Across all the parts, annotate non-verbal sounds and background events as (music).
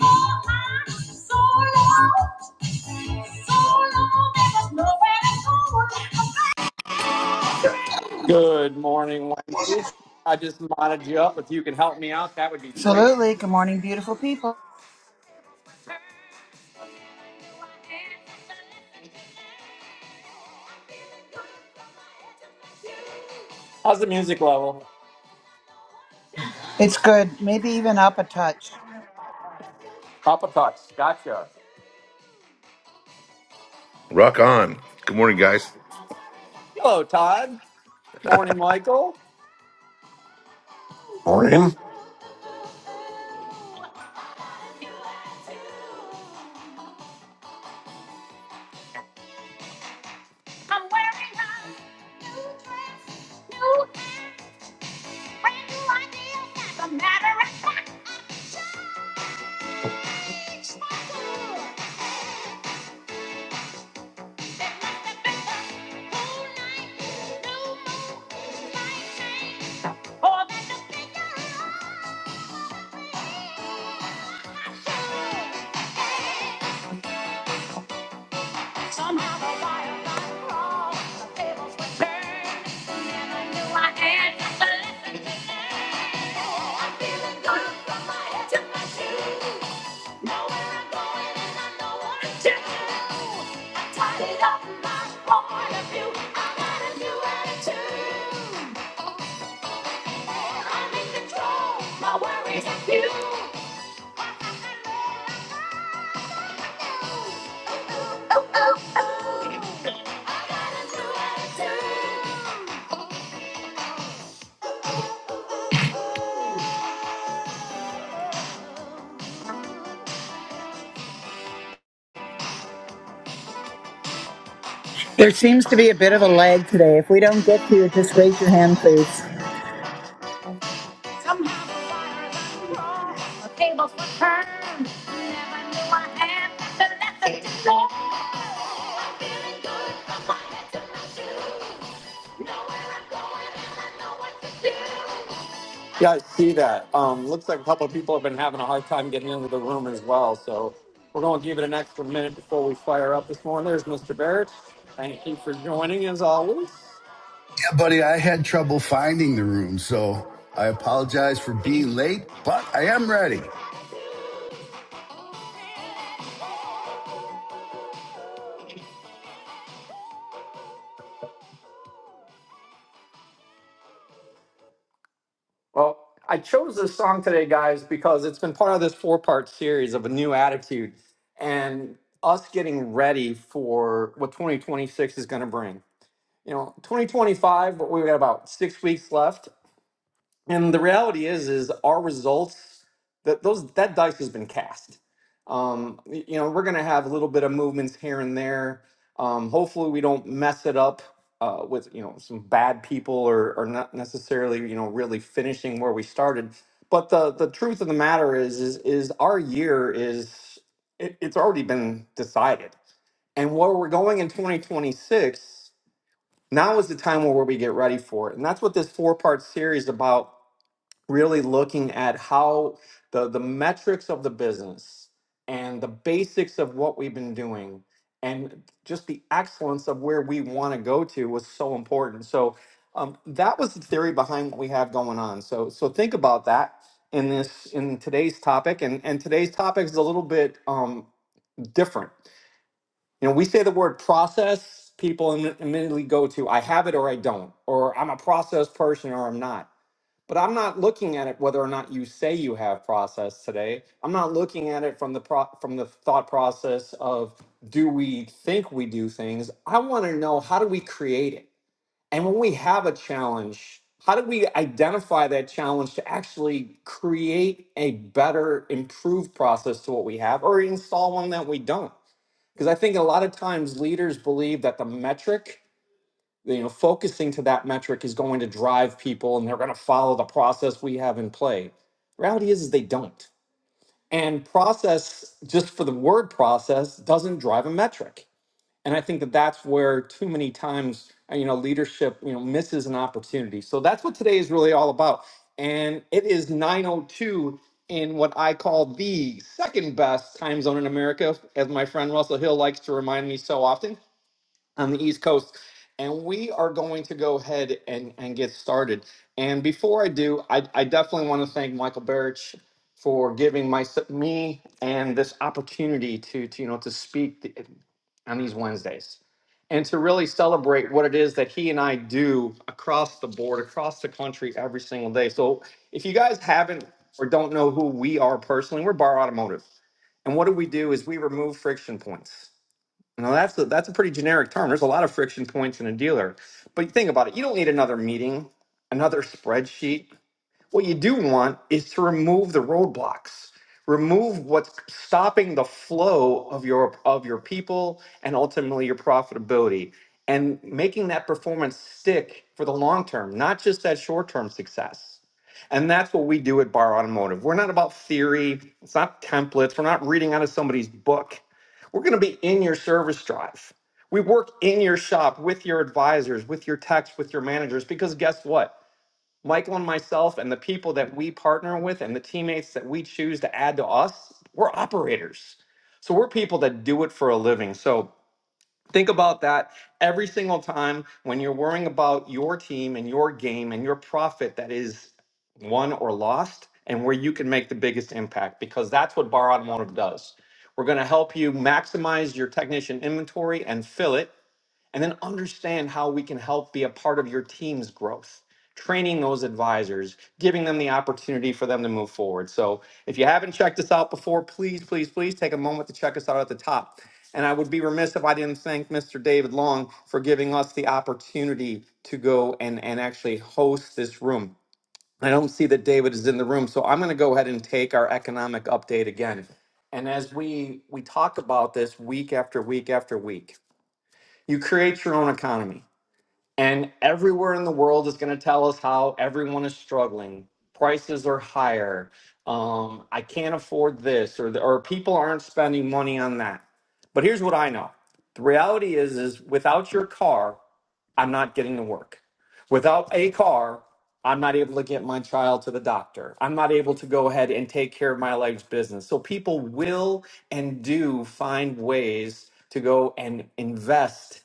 so so so Good morning, Wendy. I just modded you up. If you can help me out, that would be great. Absolutely. Good morning, beautiful people. How's the music level? It's good. Maybe even up a touch. Papa Touch. Gotcha. Rock on. Good morning, guys. Hello, Todd. Morning, Michael. Morning. Somehow the wire got crossed, the tables were turned, and I knew I had just a lesson to learn. Oh, I'm feeling good from my head to my shoes. Know where I'm going and I know what to do. I tidied up my point of view. I got a new attitude. I'm in control, my worries are few. There seems to be a bit of a lag today. If we don't get to you, just raise your hand, please. Somehow the waters uncrossed, the tables were turned. Never knew I had such a lesson to learn. Yeah, I see that. Um, looks like a couple of people have been having a hard time getting into the room as well. So we're going to give it an extra minute before we fire up this morning. There's Mr. Barrett. Thank you for joining as always. buddy, I had trouble finding the room, so I apologize for being late, but I am ready. Well, I chose this song today, guys, because it's been part of this four part series of a new attitude and us getting ready for what 2026 is going to bring. You know, 2025, we've got about six weeks left and the reality is is our results that those that dice has been cast um y- you know we're gonna have a little bit of movements here and there um hopefully we don't mess it up uh with you know some bad people or or not necessarily you know really finishing where we started but the the truth of the matter is is is our year is it, it's already been decided and where we're going in 2026 now is the time where we get ready for it and that's what this four part series about really looking at how the the metrics of the business and the basics of what we've been doing and just the excellence of where we want to go to was so important so um, that was the theory behind what we have going on so so think about that in this in today's topic and and today's topic is a little bit um different you know we say the word process people imme- immediately go to i have it or i don't or i'm a process person or i'm not but I'm not looking at it whether or not you say you have process today. I'm not looking at it from the pro- from the thought process of do we think we do things? I want to know how do we create it? And when we have a challenge, how do we identify that challenge to actually create a better improved process to what we have or install one that we don't? Because I think a lot of times leaders believe that the metric you know focusing to that metric is going to drive people and they're going to follow the process we have in play The reality is, is they don't and process just for the word process doesn't drive a metric and i think that that's where too many times uh, you know leadership you know misses an opportunity so that's what today is really all about and it is 902 in what i call the second best time zone in america as my friend russell hill likes to remind me so often on the East Coast. And we are going to go ahead and, and get started. And before I do, I, I definitely want to thank Michael Berich for giving my, me and this opportunity to, to, you know, to speak th- on these Wednesdays and to really celebrate what it is that he and I do across the board, across the country every single day. So if you guys haven't or don't know who we are personally, we're Bar Automotive. And what do we do is we remove friction points. Now that's a, that's a pretty generic term. There's a lot of friction points in a dealer. But think about it. You don't need another meeting, another spreadsheet. What you do want is to remove the roadblocks, remove what's stopping the flow of your of your people and ultimately your profitability and making that performance stick for the long term, not just that short-term success. And that's what we do at Bar Automotive. We're not about theory, it's not templates, we're not reading out of somebody's book. We're going to be in your service drive. We work in your shop with your advisors, with your techs, with your managers because guess what? Michael and myself and the people that we partner with and the teammates that we choose to add to us, we're operators. So we're people that do it for a living. So think about that every single time when you're worrying about your team and your game and your profit that is won or lost and where you can make the biggest impact because that's what Bar Automotive does. We're going to help you maximize your technician inventory and fill it and then understand how we can help be a part of your team's growth training those advisors giving them the opportunity for them to move forward so if you haven't checked us out before please please please take a moment to check us out at the top and i would be remiss if i didn't thank mr david long for giving us the opportunity to go and and actually host this room i don't see that david is in the room so i'm going to go ahead and take our economic update again and as we we talk about this week after week after week you create your own economy. And everywhere in the world is going to tell us how everyone is struggling. Prices are higher. Um, I can't afford this, or, the, or people aren't spending money on that. But here's what I know the reality is, is without your car, I'm not getting to work. Without a car, I'm not able to get my child to the doctor. I'm not able to go ahead and take care of my life's business. So people will and do find ways to go and invest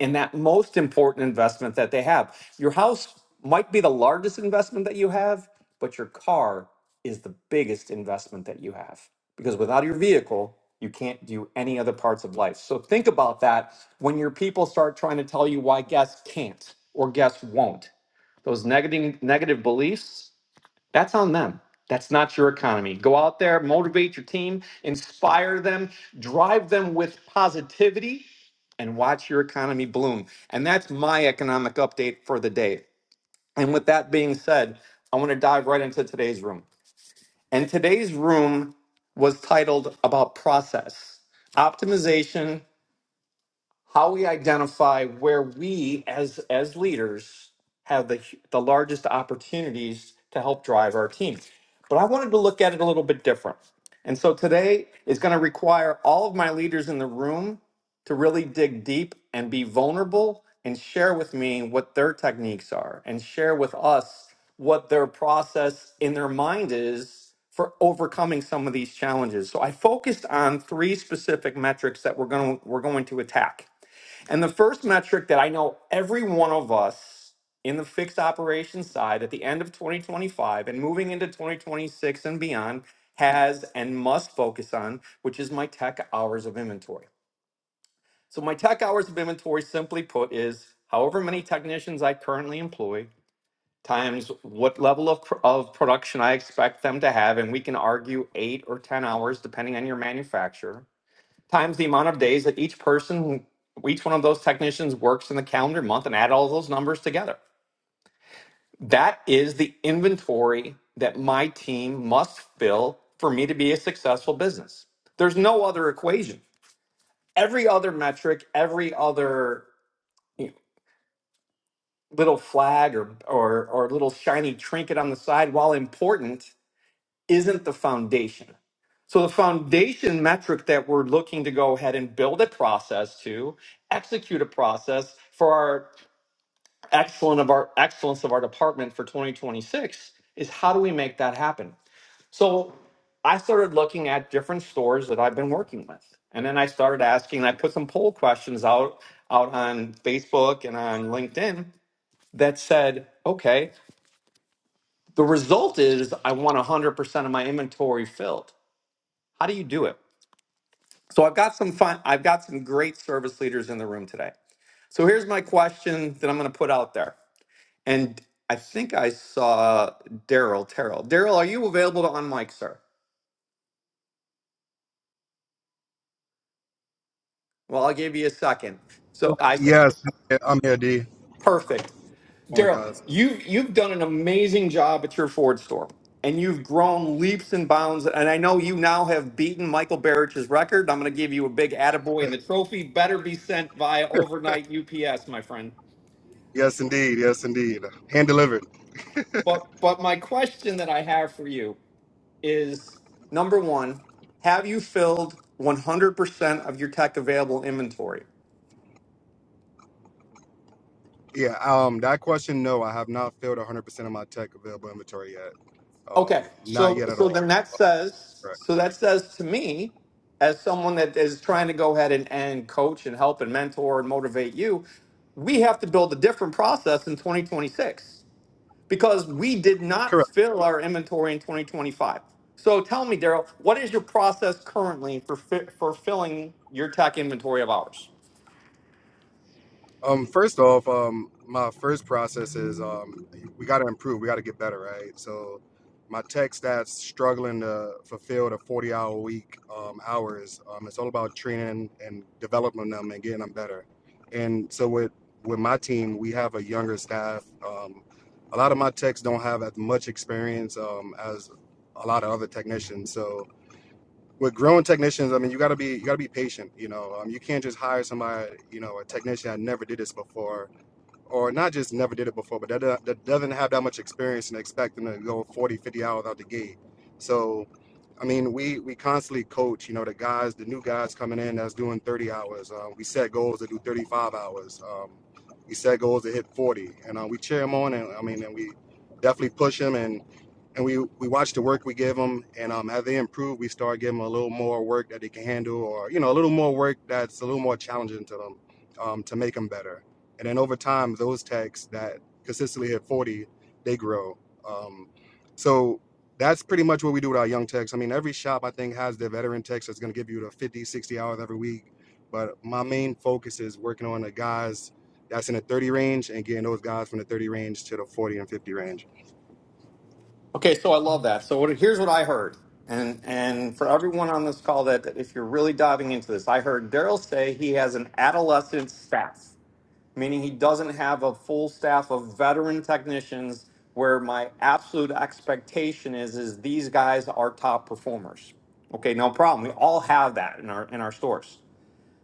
in that most important investment that they have. Your house might be the largest investment that you have, but your car is the biggest investment that you have because without your vehicle, you can't do any other parts of life. So think about that when your people start trying to tell you why guests can't or guests won't. Those negative negative beliefs, that's on them. That's not your economy. Go out there, motivate your team, inspire them, drive them with positivity, and watch your economy bloom. And that's my economic update for the day. And with that being said, I want to dive right into today's room. And today's room was titled About Process, Optimization, how we identify where we as as leaders have the the largest opportunities to help drive our team. But I wanted to look at it a little bit different. And so today is going to require all of my leaders in the room to really dig deep and be vulnerable and share with me what their techniques are and share with us what their process in their mind is for overcoming some of these challenges. So I focused on three specific metrics that we're going to, we're going to attack. And the first metric that I know every one of us in the fixed operations side at the end of 2025 and moving into 2026 and beyond has and must focus on, which is my tech hours of inventory. So, my tech hours of inventory, simply put, is however many technicians I currently employ times what level of, pr- of production I expect them to have. And we can argue eight or 10 hours, depending on your manufacturer times the amount of days that each person, each one of those technicians works in the calendar month and add all those numbers together. That is the inventory that my team must fill for me to be a successful business. There's no other equation. Every other metric, every other you know, little flag or, or, or little shiny trinket on the side, while important, isn't the foundation. So the foundation metric that we're looking to go ahead and build a process to execute a process for our excellence of our excellence of our department for 2026 is how do we make that happen? So I started looking at different stores that I've been working with. And then I started asking, I put some poll questions out out on Facebook and on LinkedIn that said, okay, the result is I want 100% of my inventory filled. How do you do it? So I've got some fun, I've got some great service leaders in the room today. So here's my question that I'm going to put out there. And I think I saw Daryl Terrell. Daryl, are you available to unmic, sir? Well, I'll give you a second. So I said, Yes, I'm here, D. perfect. Oh my Daryl, guys. you you've done an amazing job at your Ford store, and you've grown leaps and bounds. And I know you now have beaten Michael Barrich's record. I'm going to give you a big attaboy, and the trophy better be sent via overnight UPS, my friend. Yes, indeed. Yes, indeed. Hand delivered. But but my question that I have for you is number one, have you filled 100% of your tech available inventory? Yeah. Um, that question. No, I have not filled 100 percent of my tech available inventory yet. Okay, Um, not so yet at so then all. that says Correct. so that says to me as someone that is trying to go ahead and, and coach and help and mentor and motivate you, we have to build a different process in 2026. because we did Correct. not fill our inventory in 2025. So tell me, Daryl, what is your process currently for fi- for filling your tech inventory of ours? Um, first off, um, my first process is um, we got to improve. We got to get better, right? So, my tech staff's struggling to fulfill the forty-hour week um, hours. Um, it's all about training and developing them and getting them better. And so, with with my team, we have a younger staff. Um, a lot of my techs don't have as much experience um, as a lot of other technicians. So, with growing technicians, I mean, you gotta be you gotta be patient. You know, um, you can't just hire somebody. You know, a technician that never did this before, or not just never did it before, but that do- that doesn't have that much experience and expect them to go 40, 50 hours out the gate. So, I mean, we we constantly coach. You know, the guys, the new guys coming in that's doing 30 hours. Uh, we set goals to do 35 hours. Um, we set goals to hit 40, and uh, we cheer them on. And I mean, and we definitely push them and and we we watch the work we give them, and um, as they improve, we start giving them a little more work that they can handle, or you know, a little more work that's a little more challenging to them, um, to make them better. And then over time, those techs that consistently hit forty, they grow. Um, so that's pretty much what we do with our young techs. I mean, every shop I think has their veteran techs that's going to give you the 50, 60 hours every week. But my main focus is working on the guys that's in the 30 range and getting those guys from the 30 range to the 40 and 50 range. Okay, so I love that. So what, here's what I heard, and and for everyone on this call that, that if you're really diving into this, I heard Daryl say he has an adolescent staff. meaning he doesn't have a full staff of veteran technicians where my absolute expectation is is these guys are top performers. Okay, no problem. We all have that in our in our stores.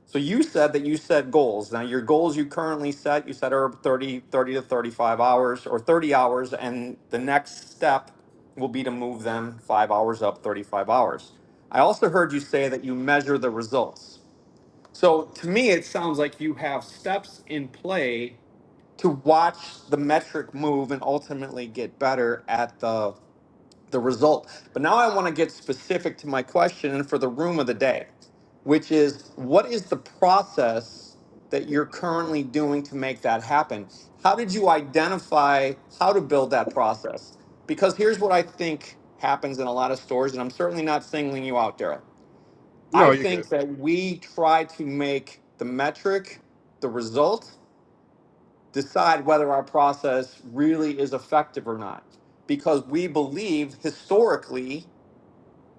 So you said that you set goals. Now your goals you currently set, you said are 30 30 to 35 hours or 30 hours and the next step will be to move them 5 hours up 35 hours. I also heard you say that you measure the results. So to me, it sounds like you have steps in play to watch the metric move and ultimately get better at the the result. But now I want to get specific to my question and for the room of the day, which is what is the process that you're currently doing to make that happen? How did you identify how to build that process? Because here's what I think happens in a lot of stores, and I'm certainly not singling you out, Daryl. I No, you're good. think that we try to make the metric the result decide whether our process really is effective or not because we believe historically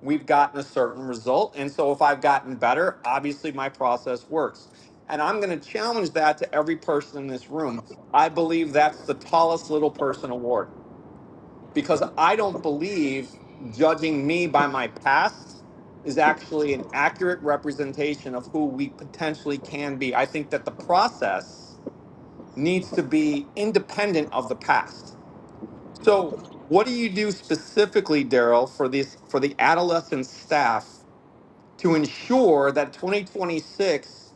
we've gotten a certain result. And so if I've gotten better, obviously my process works. And I'm going to challenge that to every person in this room. I believe that's the tallest little person award because I don't believe judging me by my past is actually an accurate representation of who we potentially can be. I think that the process needs to be independent of the past. So, what do you do specifically, Daryl, for this for the adolescent staff to ensure that 2026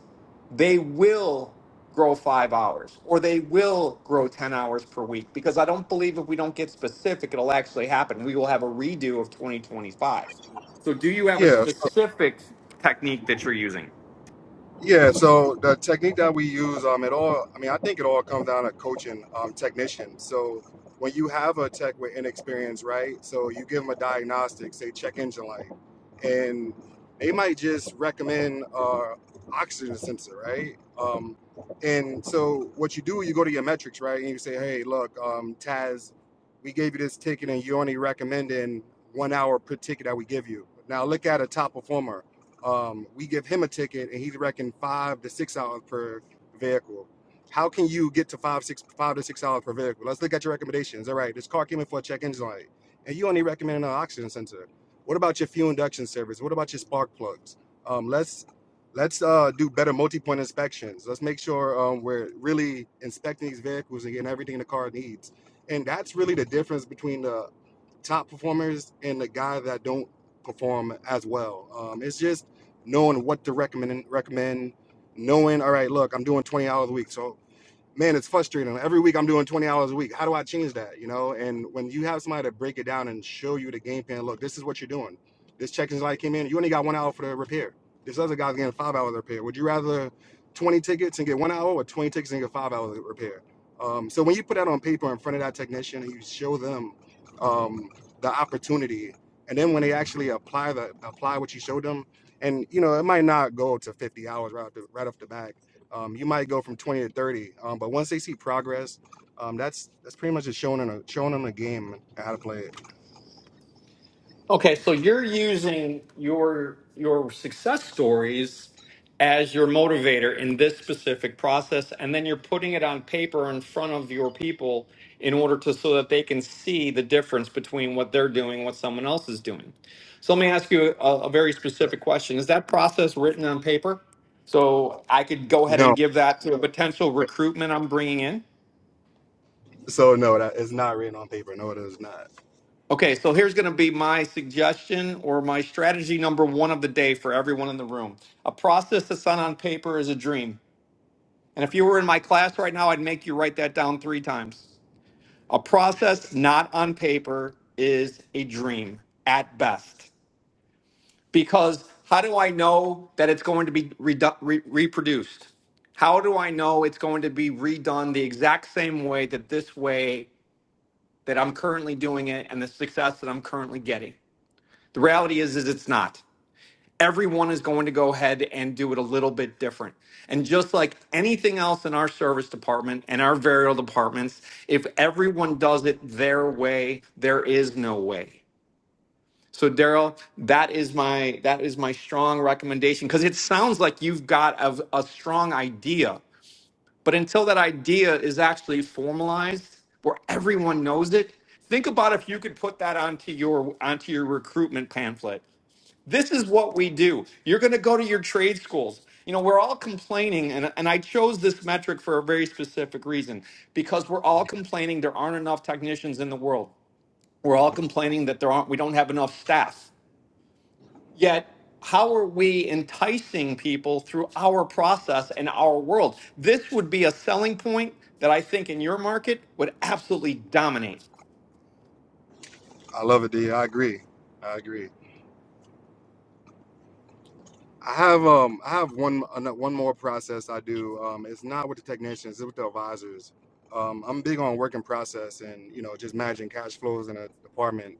they will grow five hours or they will grow 10 hours per week? Because I don't believe if we don't get specific, it'll actually happen. We will have a redo of 2025. So, do you have a Yeah, so- specific technique that you're using? yeah. So the technique that we use, um, it all. I mean, I think it all comes down to coaching, um, technician. So when you have a tech with inexperience, right? So you give them a diagnostic, say check engine light, and they might just recommend uh, oxygen sensor, right? Um, and so what you do, you go to your metrics, right? And you say, hey, look, um, Taz, we gave you this ticket, and you only recommending one hour per ticket that we give you. Now look at a top performer um, we give him a ticket and he's reckoned five to six hours per vehicle. How can you get to five, six, five to six hours per vehicle? Let's look at your recommendations. All right, this car came in for a check engine light, and you only recommended an oxygen sensor. What about your fuel induction service? What about your spark plugs? Um, let's let's uh, do better multi-point inspections. Let's make sure um, we're really inspecting these vehicles and getting everything the car needs. And that's really the difference between the top performers and the guys that don't perform as well. Um, it's just knowing what to recommend. Recommend knowing. All right, look, I'm doing 20 hours a week, so man, it's frustrating. Every week I'm doing 20 hours a week. How do I change that? You know, and when you have somebody to break it down and show you the game plan, look, this is what you're doing. This check engine light came in, you only got one hour for the repair. This other guy's getting five hours repair. Would you rather 20 tickets and get one hour or 20 tickets and get five hours repair? Um, so when you put that on paper in front of that technician and you show them um, the opportunity, and then when they actually apply the apply what you showed them, and you know it might not go to 50 hours right off the, right off the bat um, you might go from 20 to 30. Um, but once they see progress, um, that's that's pretty much just showing them a, showing them a game and how to play it. Okay, so you're using your your success stories as your motivator in this specific process, and then you're putting it on paper in front of your people in order to so that they can see the difference between what they're doing and what someone else is doing. So let me ask you a, a very specific question. Is that process written on paper? So I could go ahead No, and give that to a potential recruitment I'm bringing in? so no, that is not written on paper. No, it is not. Okay, so here's going to be my suggestion or my strategy number one of the day for everyone in the room. A process that's not on paper is a dream. And if you were in my class right now, I'd make you write that down three times. A process not on paper is a dream at best. Because how do I know that it's going to be redu- re- reproduced? How do I know it's going to be redone the exact same way that this way that I'm currently doing it and the success that I'm currently getting? The reality is, is it's not. Everyone is going to go ahead and do it a little bit different. And just like anything else in our service department and our burial departments, if everyone does it their way, there is no way. So Daryl, that is my that is my strong recommendation because it sounds like you've got a, a strong idea, but until that idea is actually formalized, where everyone knows it, think about if you could put that onto your onto your recruitment pamphlet this is what we do. You're going to go to your trade schools. You know, we're all complaining, and, and I chose this metric for a very specific reason because we're all complaining there aren't enough technicians in the world. We're all complaining that there aren't, we don't have enough staff. Yet, how are we enticing people through our process and our world? This would be a selling point that I think in your market would absolutely dominate. I love it, D. I agree. I agree. I have um I have one ano- one more process I do. Um, it's not with the technicians, it's with the advisors. Um, I'm big on work in process and you know just managing cash flows in a department.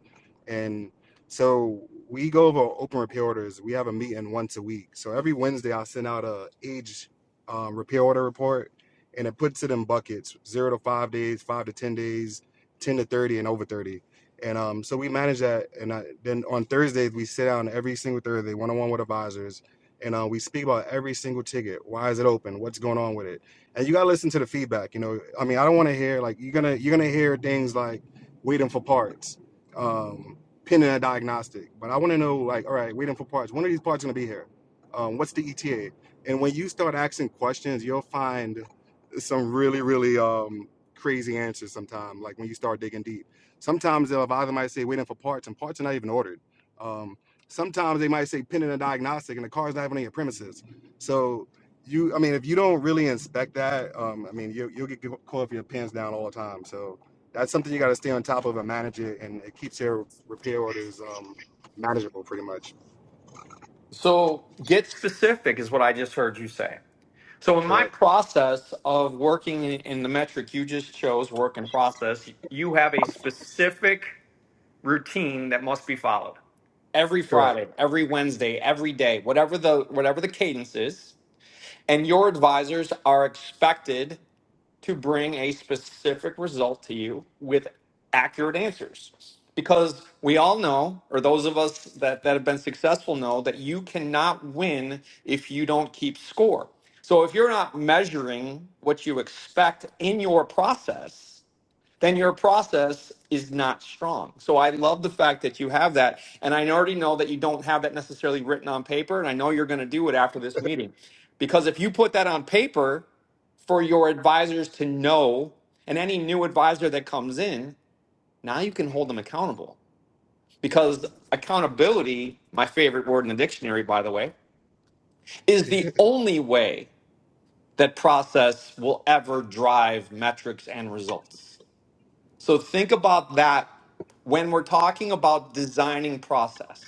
And so we go over open repair orders. We have a meeting once a week. So every Wednesday I send out a age um, repair order report, and it puts it in buckets: zero to five days, five to ten days, ten to thirty, and over thirty. And um, so we manage that. And I, then on Thursdays we sit down every single Thursday, one on one with advisors and uh, we speak about every single ticket. Why is it open? What's going on with it? And you gotta listen to the feedback. You know, I mean, I don't want to hear like you're gonna you're gonna hear things like waiting for parts, um, pending a diagnostic. But I want to know like, all right, waiting for parts. When are these parts gonna be here? Um, what's the ETA? And when you start asking questions, you'll find some really really um, crazy answers. Sometimes, like when you start digging deep. Sometimes they'll either might say waiting for parts, and parts are not even ordered. Um, sometimes they might say pending a diagnostic and the car's not even on your premises. So you, I mean, if you don't really inspect that, um, I mean, you, you'll get caught for your pins down all the time. So that's something you got to stay on top of and manage it, and it keeps your repair orders um, manageable, pretty much. So get specific is what I just heard you say. So in my Correct. process of working in in the metric you just chose, work in process, you have a specific routine that must be followed every Correct. Friday, every Wednesday, every day, whatever the whatever the cadence is. And your advisors are expected to bring a specific result to you with accurate answers. Because we all know, or those of us that, that have been successful know, that you cannot win if you don't keep score. So if you're not measuring what you expect in your process, then your process is not strong. So I love the fact that you have that. And I already know that you don't have that necessarily written on paper. And I know you're going to do it after this meeting. Because if you put that on paper for your advisors to know, and any new advisor that comes in, now you can hold them accountable. Because accountability, my favorite word in the dictionary, by the way, is (laughs) the only way that process will ever drive metrics and results so think about that when we're talking about designing process.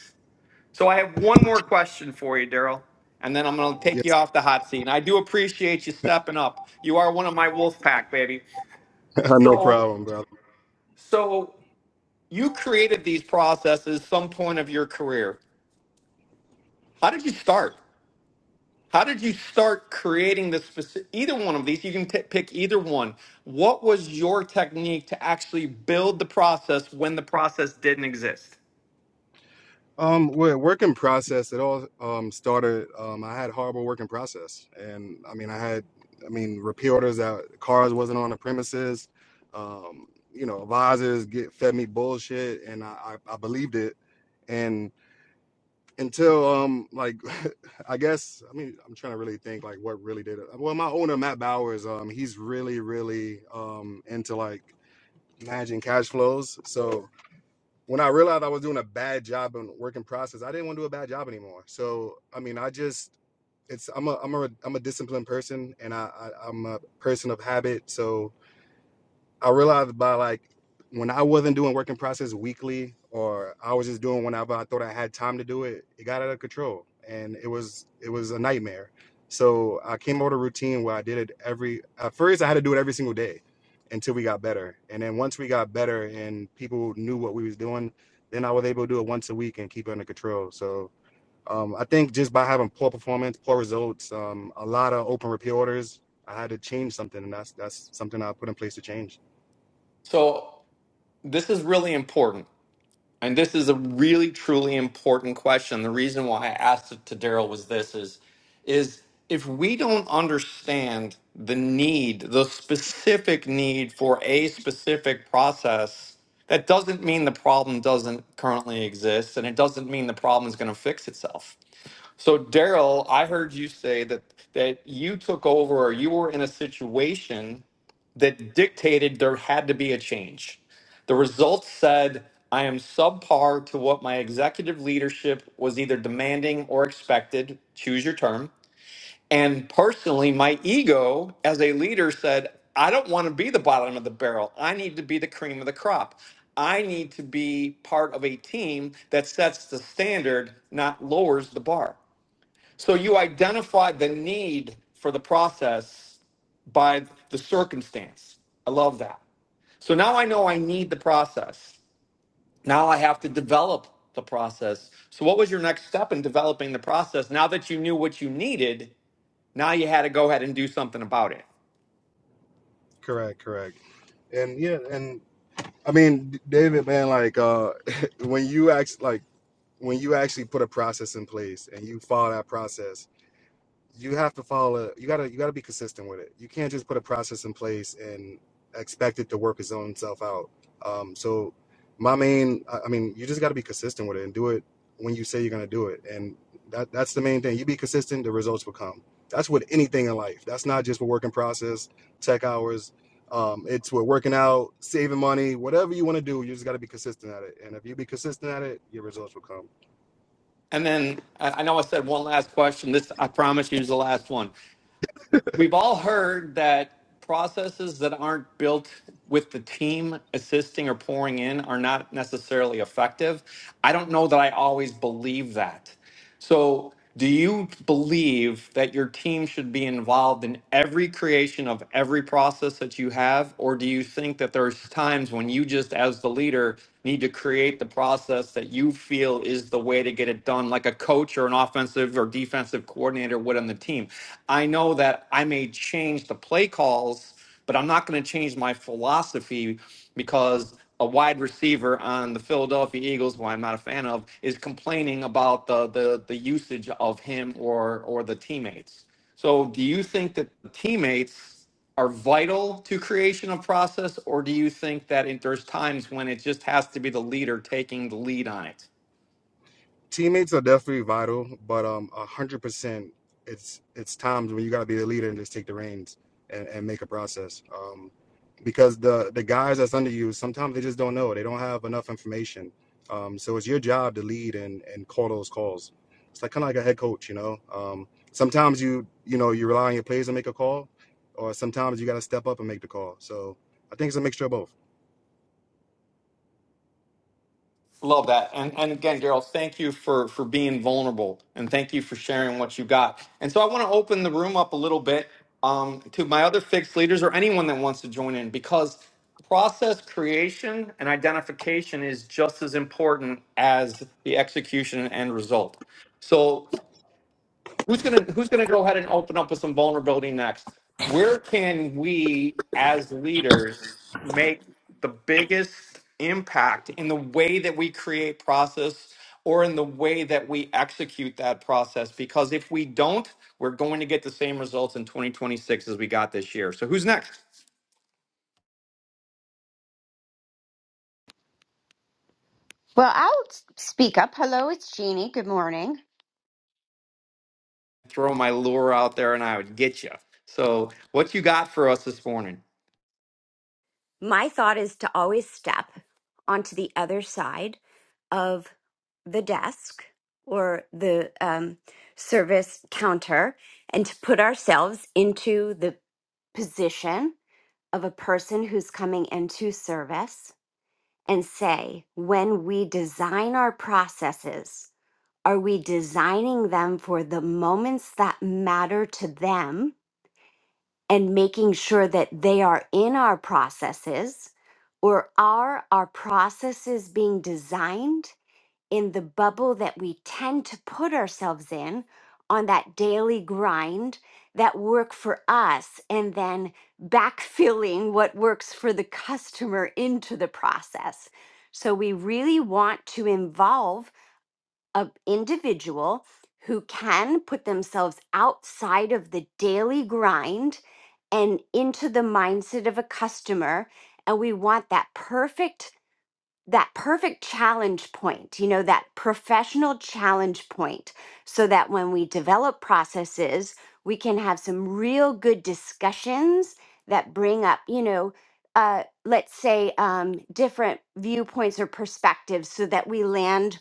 So I have one more question for you, Daryl, and then I'm going to take you Yes. off the hot seat. And I do appreciate you stepping up. You are one of my wolf pack, baby. (laughs) no So, problem, bro. so you created these processes some point of your career. How did you start? How did you start creating this specific, either one of these? You can t- pick either one. What was your technique to actually build the process when the process didn't exist? Um, well, work in process. It all um, started. Um, I had horrible work in process, and I mean, I had, I mean, repeat orders that cars wasn't on the premises. Um, you know, advisors get fed me bullshit, and I, I, I believed it. And until um, like, (laughs) I guess, I mean, I'm trying to really think like what really did it. Well, my owner Matt Bowers, um, he's really, really um into like managing cash flows. So when I realized I was doing a bad job in work in process, I didn't want to do a bad job anymore. So I mean, I just it's I'm a I'm a I'm a disciplined person, and I, I I'm a person of habit. So I realized by like when I wasn't doing working process weekly or I was just doing whenever I thought I had time to do it, it got out of control and it was it was a nightmare. So I came up with a routine where I did it every at first I had to do it every single day until we got better. And then once we got better and people knew what we was doing, then I was able to do it once a week and keep it under control. So um, I think just by having poor performance, poor results, um, a lot of open repeat orders, I had to change something, and that's that's something I put in place to change. So This is really important. And this is a really truly important question. The reason why I asked it to Daryl was this is is if we don't understand the need, the specific need for a specific process, that doesn't mean the problem doesn't currently exist and it doesn't mean the problem is going to fix itself. So Daryl, I heard you say that that you took over or you were in a situation that dictated there had to be a change. The results said I am subpar to what my executive leadership was either demanding or expected, choose your term. And personally, my ego as a leader said, I don't want to be the bottom of the barrel. I need to be the cream of the crop. I need to be part of a team that sets the standard, not lowers the bar. So you identify the need for the process by the circumstance. I love that. So now I know I need the process. Now I have to develop the process. So what was your next step in developing the process? Now that you knew what you needed, now you had to go ahead and do something about it. Correct, correct. And yeah, and I mean, David, man, like uh (laughs) when you act like when you actually put a process in place and you follow that process you have to follow you gotta you gotta be consistent with it you can't just put a process in place and expect it to work its own self out um, so my main i I mean you just gotta be consistent with it and do it when you say you're gonna do it and that that's the main thing you be consistent the results will come that's with anything in life that's not just with working process tech hours um, it's with working out saving money whatever you want to do you just gotta be consistent at it and if you be consistent at it your results will come And then I I know I said one last question. This I promise you is the last one. We've all heard that processes that aren't built with the team assisting or pouring in are not necessarily effective. I don't know that I always believe that. So, do you believe that your team should be involved in every creation of every process that you have? Or do you think that there's times when you just, as the leader, need to create the process that you feel is the way to get it done, like a coach or an offensive or defensive coordinator would on the team? I know that I may change the play calls, but I'm not going to change my philosophy because a wide receiver on the Philadelphia Eagles, who I'm not a fan of, is complaining about the the, the usage of him or or the teammates. So, do you think that the teammates are vital to creation of process, or do you think that it, there's times when it just has to be the leader taking the lead on it? teammates are definitely vital, but um, a hundred percent, it's it's times when you gotta be the leader and just take the reins and, and make a process. Um, because the the guys that's under you sometimes they just don't know. They don't have enough information. Um, so it's your job to lead and and call those calls. It's like kind of like a head coach, you know. Um, sometimes you you know you rely on your players to make a call, or sometimes you gotta step up and make the call. So I think it's a mixture of both. Love that. And and again, Daryl, thank you for for being vulnerable and thank you for sharing what you got. And so I want to open the room up a little bit um, to my other fixed leaders or anyone that wants to join in because process creation and identification is just as important as the execution and end result. So who's gonna who's gonna go ahead and open up with some vulnerability next where can we as leaders make the biggest impact in the way that we create process or in the way that we execute that process because if we don't we're going to get the same results in 2026 as we got this year so who's next Well, I'll s- speak up. Hello, it's Jeannie. Good morning. throw my lure out there and i would get you so what you got for us this morning My thought is to always step onto the other side of the desk or the um, service counter and to put ourselves into the position of a person who's coming into service and say, when we design our processes, are we designing them for the moments that matter to them? and making sure that they are in our processes or are our processes being designed in the bubble that we tend to put ourselves in on that daily grind that work for us and then backfilling what works for the customer into the process so we really want to involve an individual who can put themselves outside of the daily grind and into the mindset of a customer and we want that perfect that perfect challenge point you know that professional challenge point so that when we develop processes we can have some real good discussions that bring up you know uh, let's say um, different viewpoints or perspectives so that we land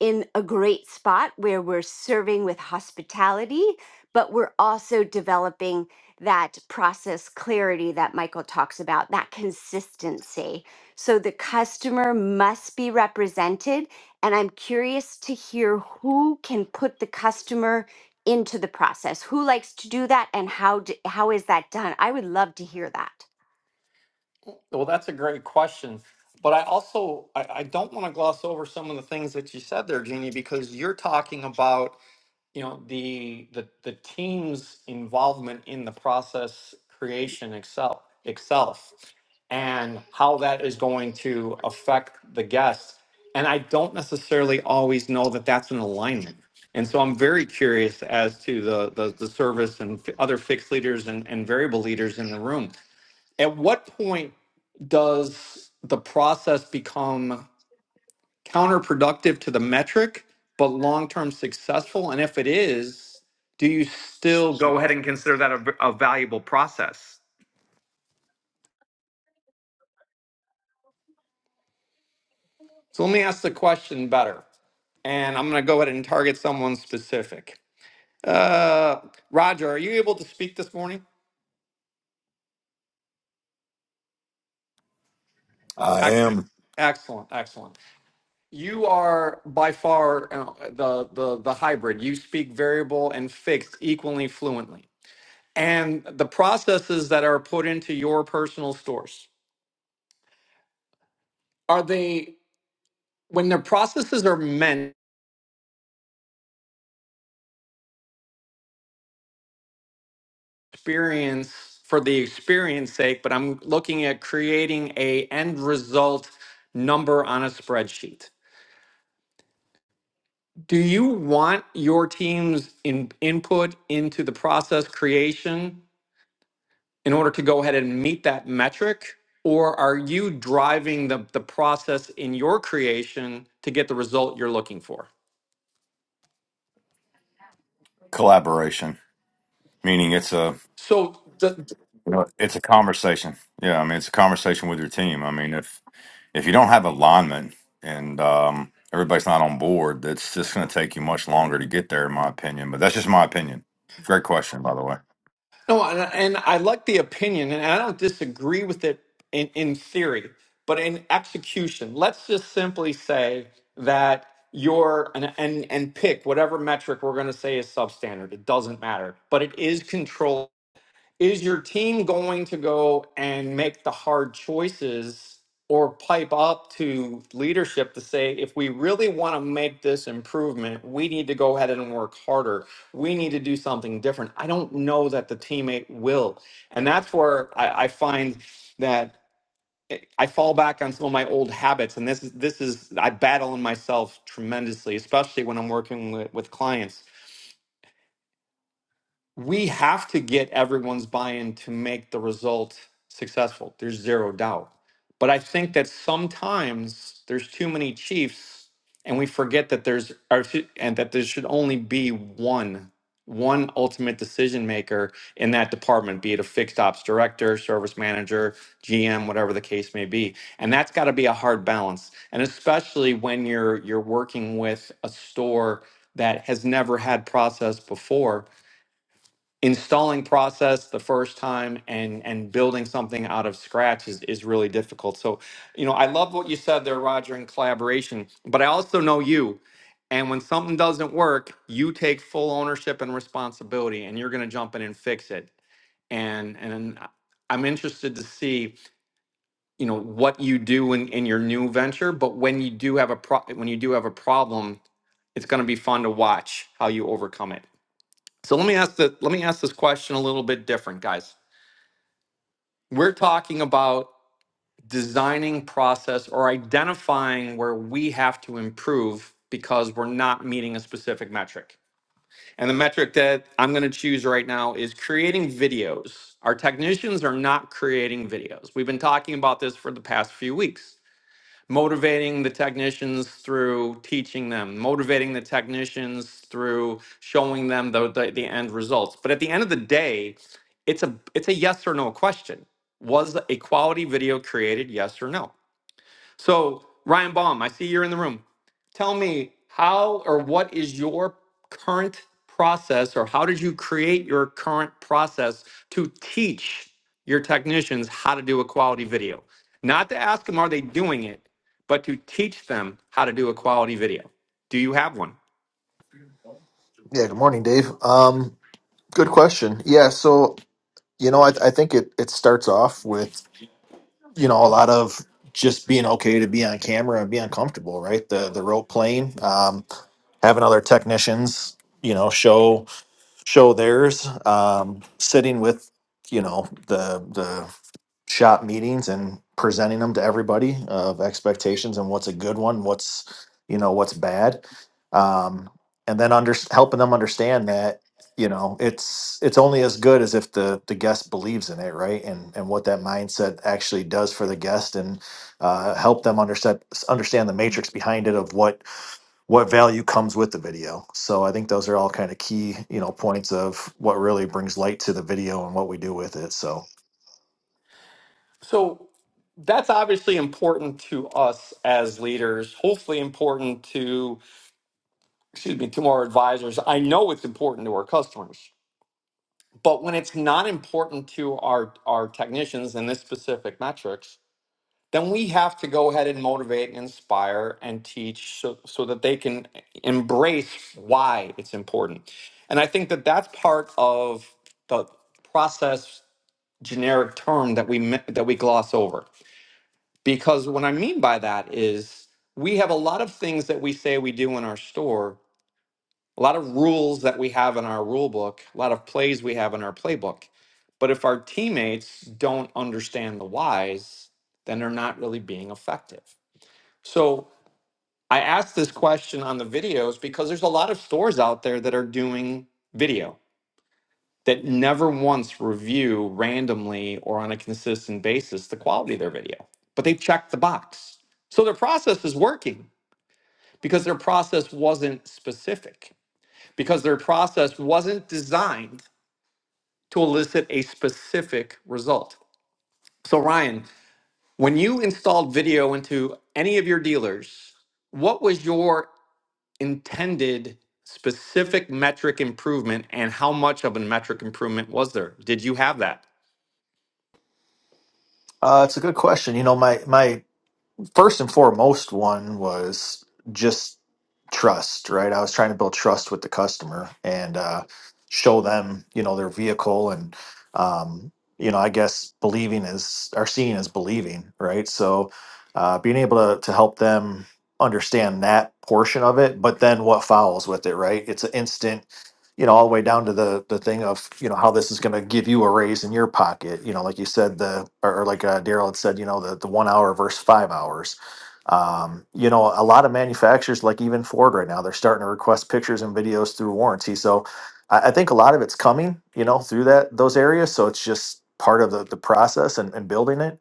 in a great spot where we're serving with hospitality, but we're also developing that process clarity that Michael talks about, that consistency. So the customer must be represented. And I'm curious to hear who can put the customer into the process. Who likes to do that and how, d how is that done? I would love to hear that. Well, that's a great question. But I also I, I don't want to gloss over some of the things that you said there, Jeannie, because you're talking about, you know, the the the team's involvement in the process creation itself itself and how that is going to affect the guest. And I don't necessarily always know that that's an alignment. And so I'm very curious as to the the, the service and f- other fixed leaders and, and variable leaders in the room. At what point does the process become counterproductive to the metric, but long term successful? And if it is, do you still go ahead and consider that a, a valuable process? So let me ask the question better. And I'm going to go ahead and target someone specific. Uh, Roger, are you able to speak this morning? I Excellent. am Excellent, excellent. You are by far uh, the, the the hybrid. You speak variable and fixed equally fluently. and the processes that are put into your personal stores are they when the processes are meant experience for the experience sake but i'm looking at creating a end result number on a spreadsheet do you want your team's in, input into the process creation in order to go ahead and meet that metric or are you driving the, the process in your creation to get the result you're looking for collaboration, meaning it's a so the, you know, it's a conversation. Yeah, I mean it's a conversation with your team. I mean if if you don't have alignment and um, everybody's not on board, that's just going to take you much longer to get there, in my opinion. But that's just my opinion. Great question, by the way. No, and, and I like the opinion, and I don't disagree with it in, in theory, but in execution, let's just simply say that you're and and, and pick whatever metric we're going to say is substandard. It doesn't matter, but it is controlled is your team going to go and make the hard choices or pipe up to leadership to say if we really want to make this improvement we need to go ahead and work harder we need to do something different i don't know that the teammate will and that's where i, I find that i I fall back on some of my old habits and this is this is i battle in myself tremendously especially when i'm working with, with clients we have to get everyone's buy-in to make the result successful. There's zero doubt. But I think that sometimes there's too many chiefs and we forget that there's or sh- and that there should only be one one ultimate decision maker in that department, be it a fixed ops director, service manager, GM, whatever the case may be. And that's got to be a hard balance. And especially when you're you're working with a store that has never had process before installing process the first time and and building something out of scratch is, is really difficult so you know i love what you said there roger in collaboration but i also know you and when something doesn't work you take full ownership and responsibility and you're going to jump in and fix it and and i'm interested to see you know what you do in, in your new venture but when you do have a pro when you do have a problem it's going to be fun to watch how you overcome it so let me ask the let me ask this question a little bit different, guys. We're talking about designing process or identifying where we have to improve because we're not meeting a specific metric. And the metric that I'm going to choose right now is creating videos. Our technicians are not creating videos. We've been talking about this for the past few weeks motivating the technicians through teaching them, motivating the technicians through showing them the, the, the end results. But at the end of the day, it's a it's a yes or no question. Was a quality video created? Yes or no? So, Ryan Baum, I see you're in the room. Tell me how or what is your current process, or how did you create your current process to teach your technicians how to do a quality video? Not to ask them, are they doing it, but to teach them how to do a quality video. Do you have one? Yeah, good morning, Dave. Um, good question. Yeah, so you know, I, I think it it starts off with you know a lot of just being okay to be on camera and be uncomfortable, right? The the role playing, um, having other technicians, you know, show show theirs, um, sitting with you know the the shop meetings and presenting them to everybody of expectations and what's a good one, what's you know what's bad, um, and then under helping them understand that you know it's it's only as good as if the the guest believes in it, right? And and what that mindset actually does for the guest, and uh, help them understand understand the matrix behind it of what what value comes with the video. So I think those are all kind of key you know points of what really brings light to the video and what we do with it. So So, that's obviously important to us as leaders, hopefully important to, excuse me, to our advisors. I know it's important to our customers But when it's not important to our, our technicians in this specific metrics, then we have to go ahead and motivate and inspire and teach so, so that they can embrace why it's important. And I think that that's part of the process generic term that we that we gloss over. Because what I mean by that is we have a lot of things that we say we do in our store a lot of rules that we have in our rule book, a lot of plays we have in our playbook. But if our teammates don't understand the whys, then they're not really being effective. So I asked this question on the videos because there's a lot of stores out there that are doing video that never once review randomly or on a consistent basis the quality of their video, but they checked the box. So their process is working because their process wasn't specific because their process wasn't designed to elicit a specific result. So, Ryan, when you installed video into any of your dealers, what was your intended specific metric improvement and how much of a metric improvement was there? Did you have that? Uh, it's a good question. You know, my my first and foremost one was just trust, right? I was trying to build trust with the customer and uh, show them, you know, their vehicle and, um, you know, I guess believing is or seeing is believing, right? So, uh, being able to to help them understand that portion of it, but then what follows with it, right? It's an instant you know, all the way down to the the thing of you know how this is going to give you a raise in your pocket. You know, like you said, the or, or like uh, Daryl had said, you know, the the one hour versus five hours. Um, you know, a lot of manufacturers, like even Ford right now, they're starting to request pictures and videos through warranty. So I, I think a lot of it's coming, you know, through that those areas. So it's just part of the the process and, and building it.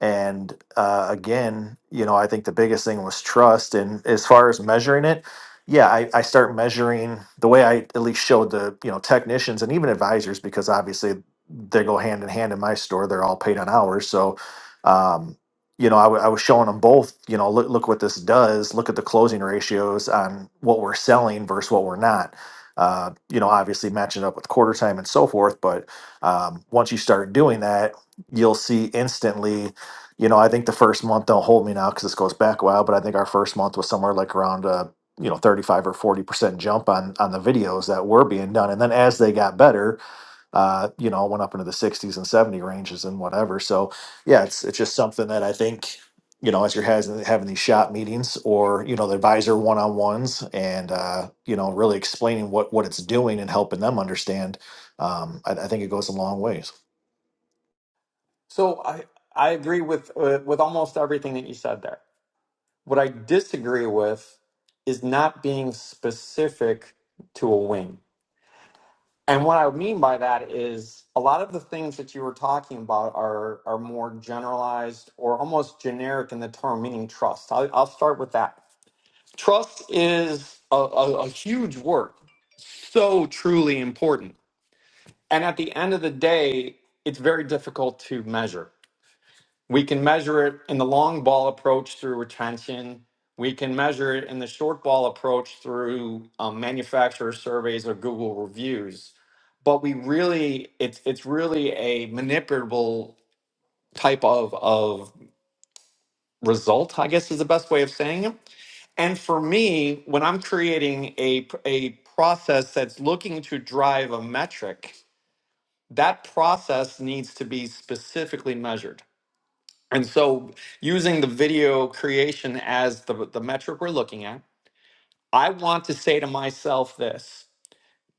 And uh, again, you know, I think the biggest thing was trust. And as far as measuring it, yeah I, I start measuring the way i at least showed the you know technicians and even advisors because obviously they go hand in hand in my store they're all paid on hours so um, you know I w- I was showing them both you know look, look what this does look at the closing ratios on what we're selling versus what we're not uh, you know obviously matching up with quarter time and so forth but um, once you start doing that you'll see instantly you know i think the first month don't hold me now because this goes back a while but i think our first month was somewhere like around uh, you know 35 or 40 percent jump on on the videos that were being done and then as they got better uh you know went up into the 60s and 70 ranges and whatever so yeah it's it's just something that i think you know as you're has, having these shop meetings or you know the advisor one-on-ones and uh you know really explaining what what it's doing and helping them understand um i, I think it goes a long ways So I I agree with uh, with almost everything that you said there. What I disagree with is not being specific to a wing. And what I mean by that is a lot of the things that you were talking about are are more generalized or almost generic in the term, meaning trust. I'll, I'll start with that. Trust is a, a, a huge word, so truly important. And at the end of the day, it's very difficult to measure. We can measure it in the long ball approach through retention. We can measure it in the short ball approach through um, manufacturer surveys or Google reviews. But we really, it's it's really a manipulable type of of result, I guess is the best way of saying it. And for me, when I'm creating a a process that's looking to drive a metric, that process needs to be specifically measured And so, using the video creation as the, the metric we're looking at, I want to say to myself this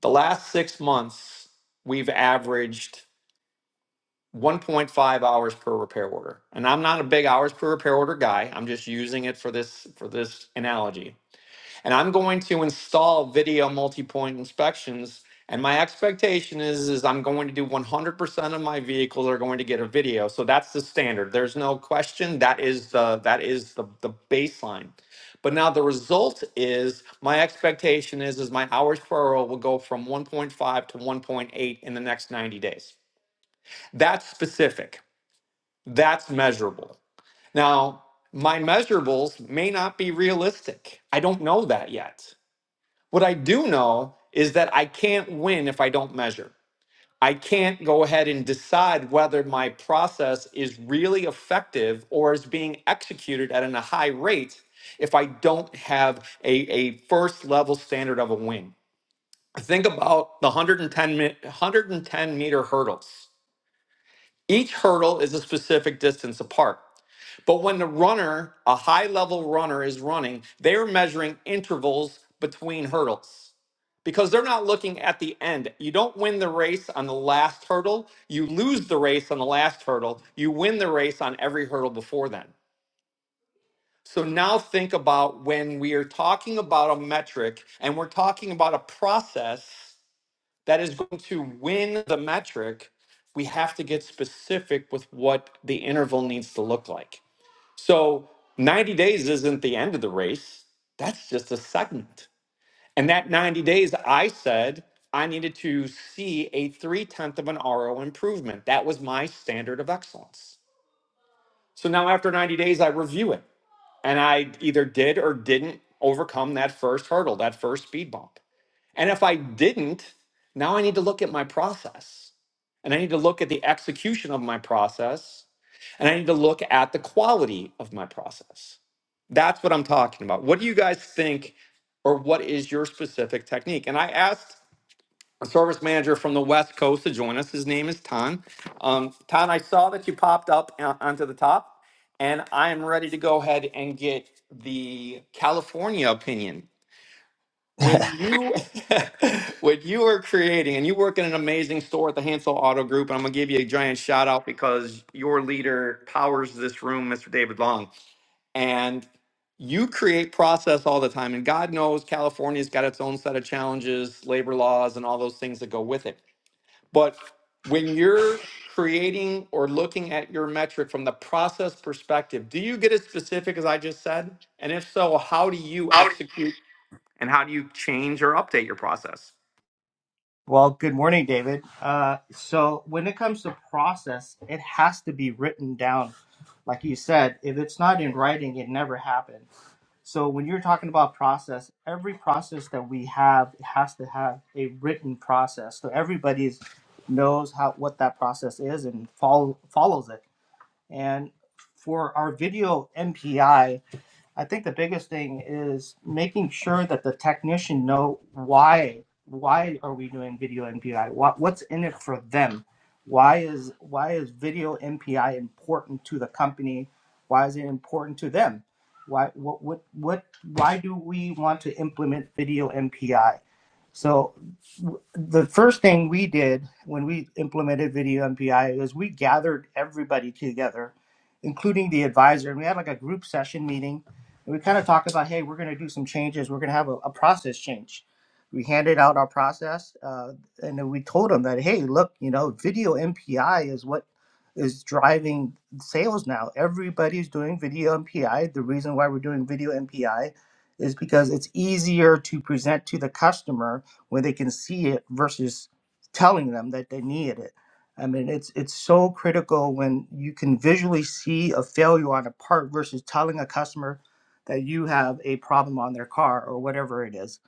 the last six months, we've averaged 1.5 hours per repair order. And I'm not a big hours per repair order guy. I'm just using it for this for this analogy and I'm going to install video multi-point inspections. And my expectation is, is I'm going to do 100% of my vehicles are going to get a video. So that's the standard. There's no question. That is the that is the, the baseline. But now the result is my expectation is is my hours per hour will go from 1.5 to 1.8 in the next 90 days. That's specific. That's measurable. Now, my measurables may not be realistic. I don't know that yet. What I do know is that I can't win if I don't measure. I can't go ahead and decide whether my process is really effective or is being executed at a high rate if I don't have a, a first level standard of a win. Think about the 110, meter hurdles. Each hurdle is a specific distance apart. But when the runner, a high level runner, is running, they're measuring intervals between hurdles because they're not looking at the end. You don't win the race on the last hurdle. You lose the race on the last hurdle. You win the race on every hurdle before then. So now think about when we are talking about a metric and we're talking about a process that is going to win the metric, we have to get specific with what the interval needs to look like. So 90 days isn't the end of the race. That's just a segment. And that 90 days, I said I needed to see a three tenth of an RO improvement. That was my standard of excellence. So now after 90 days, I review it and I either did or didn't overcome that first hurdle, that first speed bump. And if I didn't, now I need to look at my process and I need to look at the execution of my process and I need to look at the quality of my process. That's what I'm talking about. What do you guys think, or what is your specific technique? And I asked a service manager from the West Coast to join us. His name is Tan. Um, Tan, I saw that you popped up on- onto the top, and I am ready to go ahead and get the California opinion when you (laughs) when you are creating and you work in an amazing store at the Hansel Auto Group, and I'm gonna give you a giant shout out because your leader powers this room, Mr. David Long, and you create process all the time. And God knows California's got its own set of challenges, labor laws, and all those things that go with it. But when you're creating or looking at your metric from the process perspective, do you get as specific as I just said? And if so, how do you Howdy. execute and how do you change or update your process? Well, good morning, David. Uh, so, when it comes to process, it has to be written down. Like you said, if it's not in writing, it never happened. So, when you're talking about process, every process that we have has to have a written process. So, everybody's knows how what that process is and follow, follows it. And for our video MPI, I think the biggest thing is making sure that the technician know why why are we doing video MPI? What what's in it for them? Why is why is video MPI important to the company? Why is it important to them? Why what what, what why do we want to implement video MPI? So the first thing we did when we implemented video MPI was we gathered everybody together, including the advisor, and we had like a group session meeting. And we kind of talked about, hey, we're going to do some changes. We're going to have a, a process change. We handed out our process, uh, and then we told them that, hey, look, you know, video MPI is what is driving sales now. Everybody's doing video MPI. The reason why we're doing video MPI is because it's easier to present to the customer where they can see it versus telling them that they need it. I mean, it's it's so critical when you can visually see a failure on a part versus telling a customer that you have a problem on their car or whatever it is.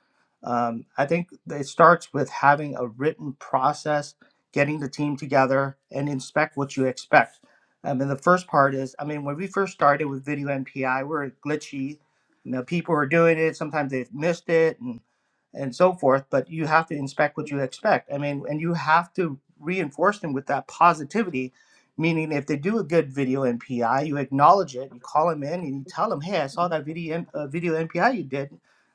Um, I think it starts with having a written process, getting the team together, and inspect what you expect. I mean, the first part is, I mean, when we first started with video MPI, we were glitchy. You know, people were doing it. Sometimes they missed it, and and so forth but you have to inspect what you expect i mean and you have to reinforce them with that positivity meaning if they do a good video npi you acknowledge it you call them in and you tell them hey i saw that video uh, video npi you did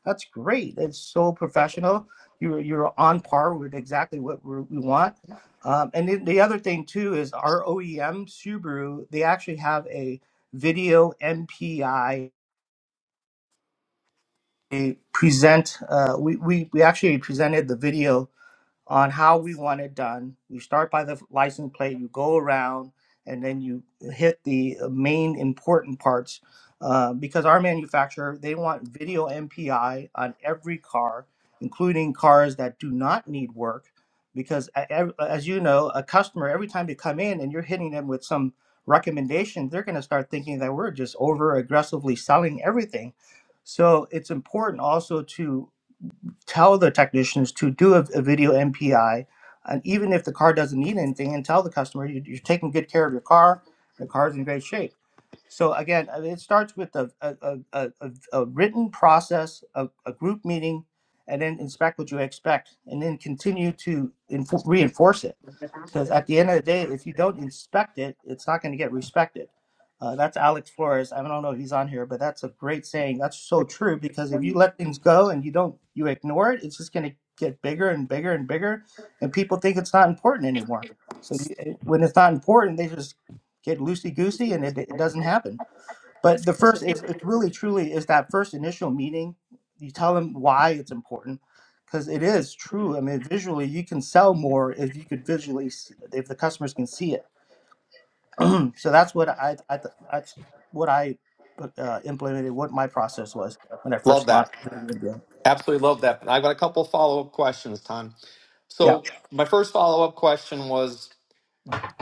that's great it's so professional you're you're on par with exactly what we're, we want um, and then the other thing too is our oem subaru they actually have a video npi they present uh, we, we we actually presented the video on how we want it done. You start by the license plate, you go around, and then you hit the uh, main important parts. Uh, because our manufacturer, they want video MPI on every car, including cars that do not need work. Because a- ev- as you know, a customer, every time they come in and you're hitting them with some recommendation, they're going to start thinking that we're just over aggressively selling everything. So it's important also to tell the technicians to do a, a video MPI, and even if the car doesn't need anything, and tell the customer you, you're taking good care of your car, the car's in great shape so again, I mean, it starts with a, a, a, a, a a written process, a, a group meeting, and then inspect what you expect, and then continue to inf- reinforce it. Because at the end of the day, if you don't inspect it, it's not going to get respected. Uh, that's Alex Flores. I don't know if he's on here, but that's a great saying. That's so true because if you let things go and you don't, you ignore it, it's just going to get bigger and bigger and bigger, and people think it's not important anymore. So you, eh, when it's not important, they just get loosey goosey and it, it doesn't happen. But the first is it's really truly is that first initial meeting. You tell them why it's important because it is true. I mean, visually, you can sell more if you could visually s- if the customers can see it. (clears throat) so that's what I, I th- that's what I uh, implemented. What my process was when I Love first launched. that. Video India. Absolutely love that. I've got a couple follow up questions, Tom. Yeah. So, my first follow up question was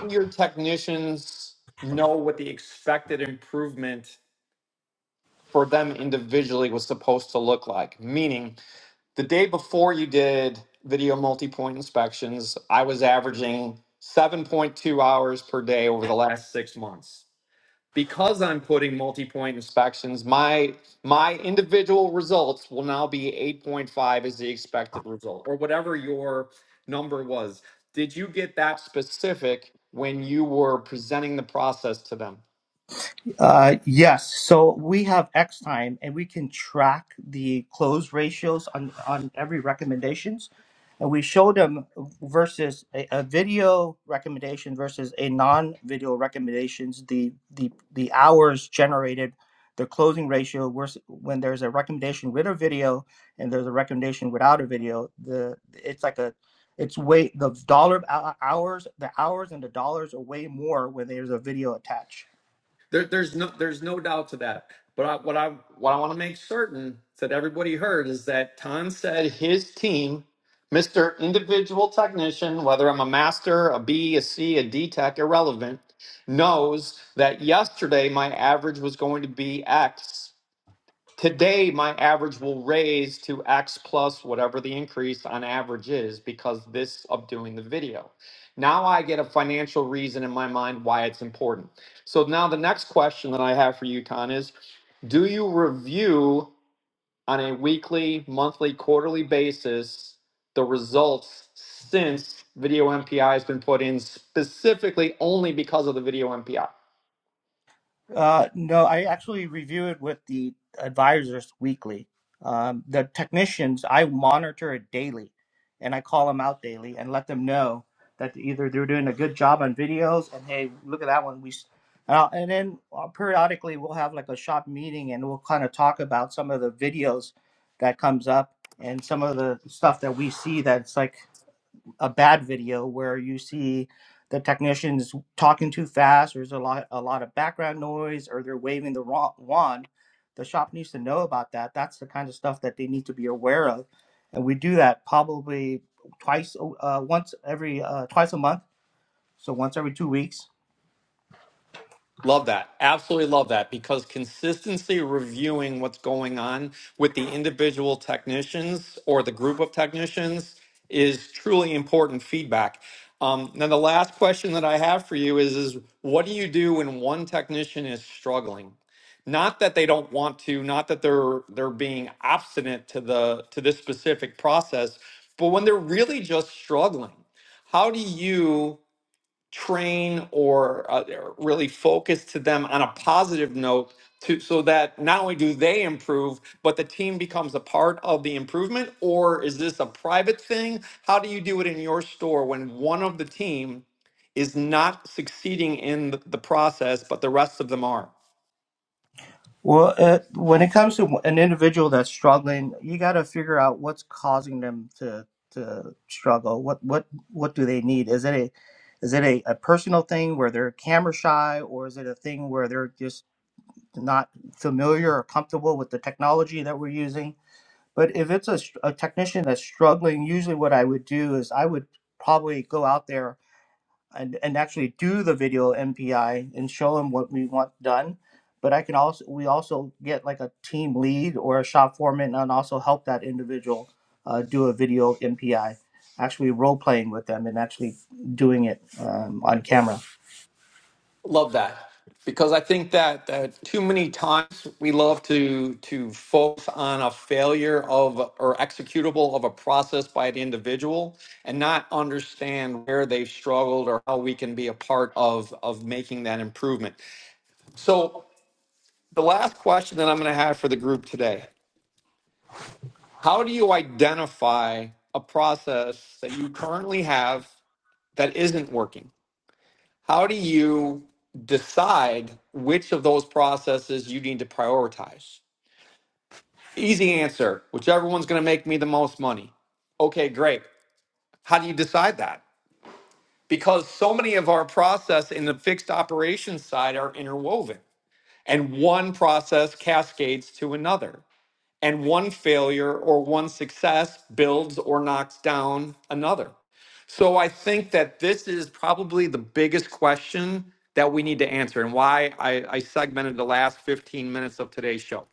do your technicians know what the expected improvement for them individually was supposed to look like? Meaning, the day before you did video multi point inspections, I was averaging 7.2 hours per day over the last six months. because I'm putting multi-point inspections, my my individual results will now be 8.5 as the expected result or whatever your number was. Did you get that specific when you were presenting the process to them? Uh, yes. So we have X time, and we can track the close ratios on on every recommendations, and we show them versus a, a video recommendation versus a non-video recommendations. The the the hours generated, the closing ratio. vers- When there's a recommendation with a video, and there's a recommendation without a video, the it's like a it's way the dollar hou- hours the hours and the dollars are way more when there's a video attached There, there's no there's no doubt to that. But I, what I what I want to make certain that everybody heard is that Tom said his team, Mister Individual Technician, whether I'm a master, a B, a C, a D Tech, irrelevant, knows that yesterday my average was going to be X. Today, my average will raise to X plus whatever the increase on average is because this of doing the video. Now I get a financial reason in my mind why it's important. So now the next question that I have for you, Tan, is do you review on a weekly, monthly, quarterly basis the results since video MPI has been put in specifically only because of the video MPI. Uh, no, I actually review it with the advisors weekly. Um, the technicians, I monitor it daily and I call them out daily and let them know that either they're doing a good job on videos and hey, look at that one. We, s- and, I'll, and then uh, periodically we'll have like a shop meeting and we'll kind of talk about some of the videos that comes up and some of the stuff that we see that's like a bad video where you see the technicians talking too fast, or there's a lot a lot of background noise, or they're waving the wrong wand. The shop needs to know about that. That's the kind of stuff that they need to be aware of, and we do that probably twice, uh, once every uh, twice a month, so once every two weeks Love that. Absolutely love that because consistency reviewing what's going on with the individual technicians or the group of technicians is truly important feedback. Um, now, the last question that I have for you is, is what do you do when one technician is struggling? Not that they don't want to, not that they're they're being obstinate to the to this specific process, but when they're really just struggling, how do you train or uh, really focus to them on a positive note to so that not only do they improve but the team becomes a part of the improvement or is this a private thing how do you do it in your store when one of the team is not succeeding in th- the process but the rest of them are Well, uh, when it comes to an individual that's struggling, you got to figure out what's causing them to to struggle. What what what do they need? Is it a is it a, a personal thing where they're camera shy, or is it a thing where they're just not familiar or comfortable with the technology that we're using? But if it's a, str- a technician that's struggling, usually what I would do is I would probably go out there and, and actually do the video MPI and show them what we want done. But I can also we also get like a team lead or a shop foreman and also help that individual uh, do a video MPI, actually role playing with them and actually doing it um, on camera. Love that because I think that uh, too many times we love to to focus on a failure of or executable of a process by an individual and not understand where they've struggled or how we can be a part of of making that improvement. So the last question that I'm going to have for the group today: How do you identify a process that you currently have that isn't working? How do you decide which of those processes you need to prioritize? Easy answer, whichever one's going to make me the most money. Okay, great. How do you decide that? Because so many of our process in the fixed operations side are interwoven, and one process cascades to another, and one failure or one success builds or knocks down another. So I think that this is probably the biggest question that we need to answer and why I, I segmented the last 15 minutes of today's show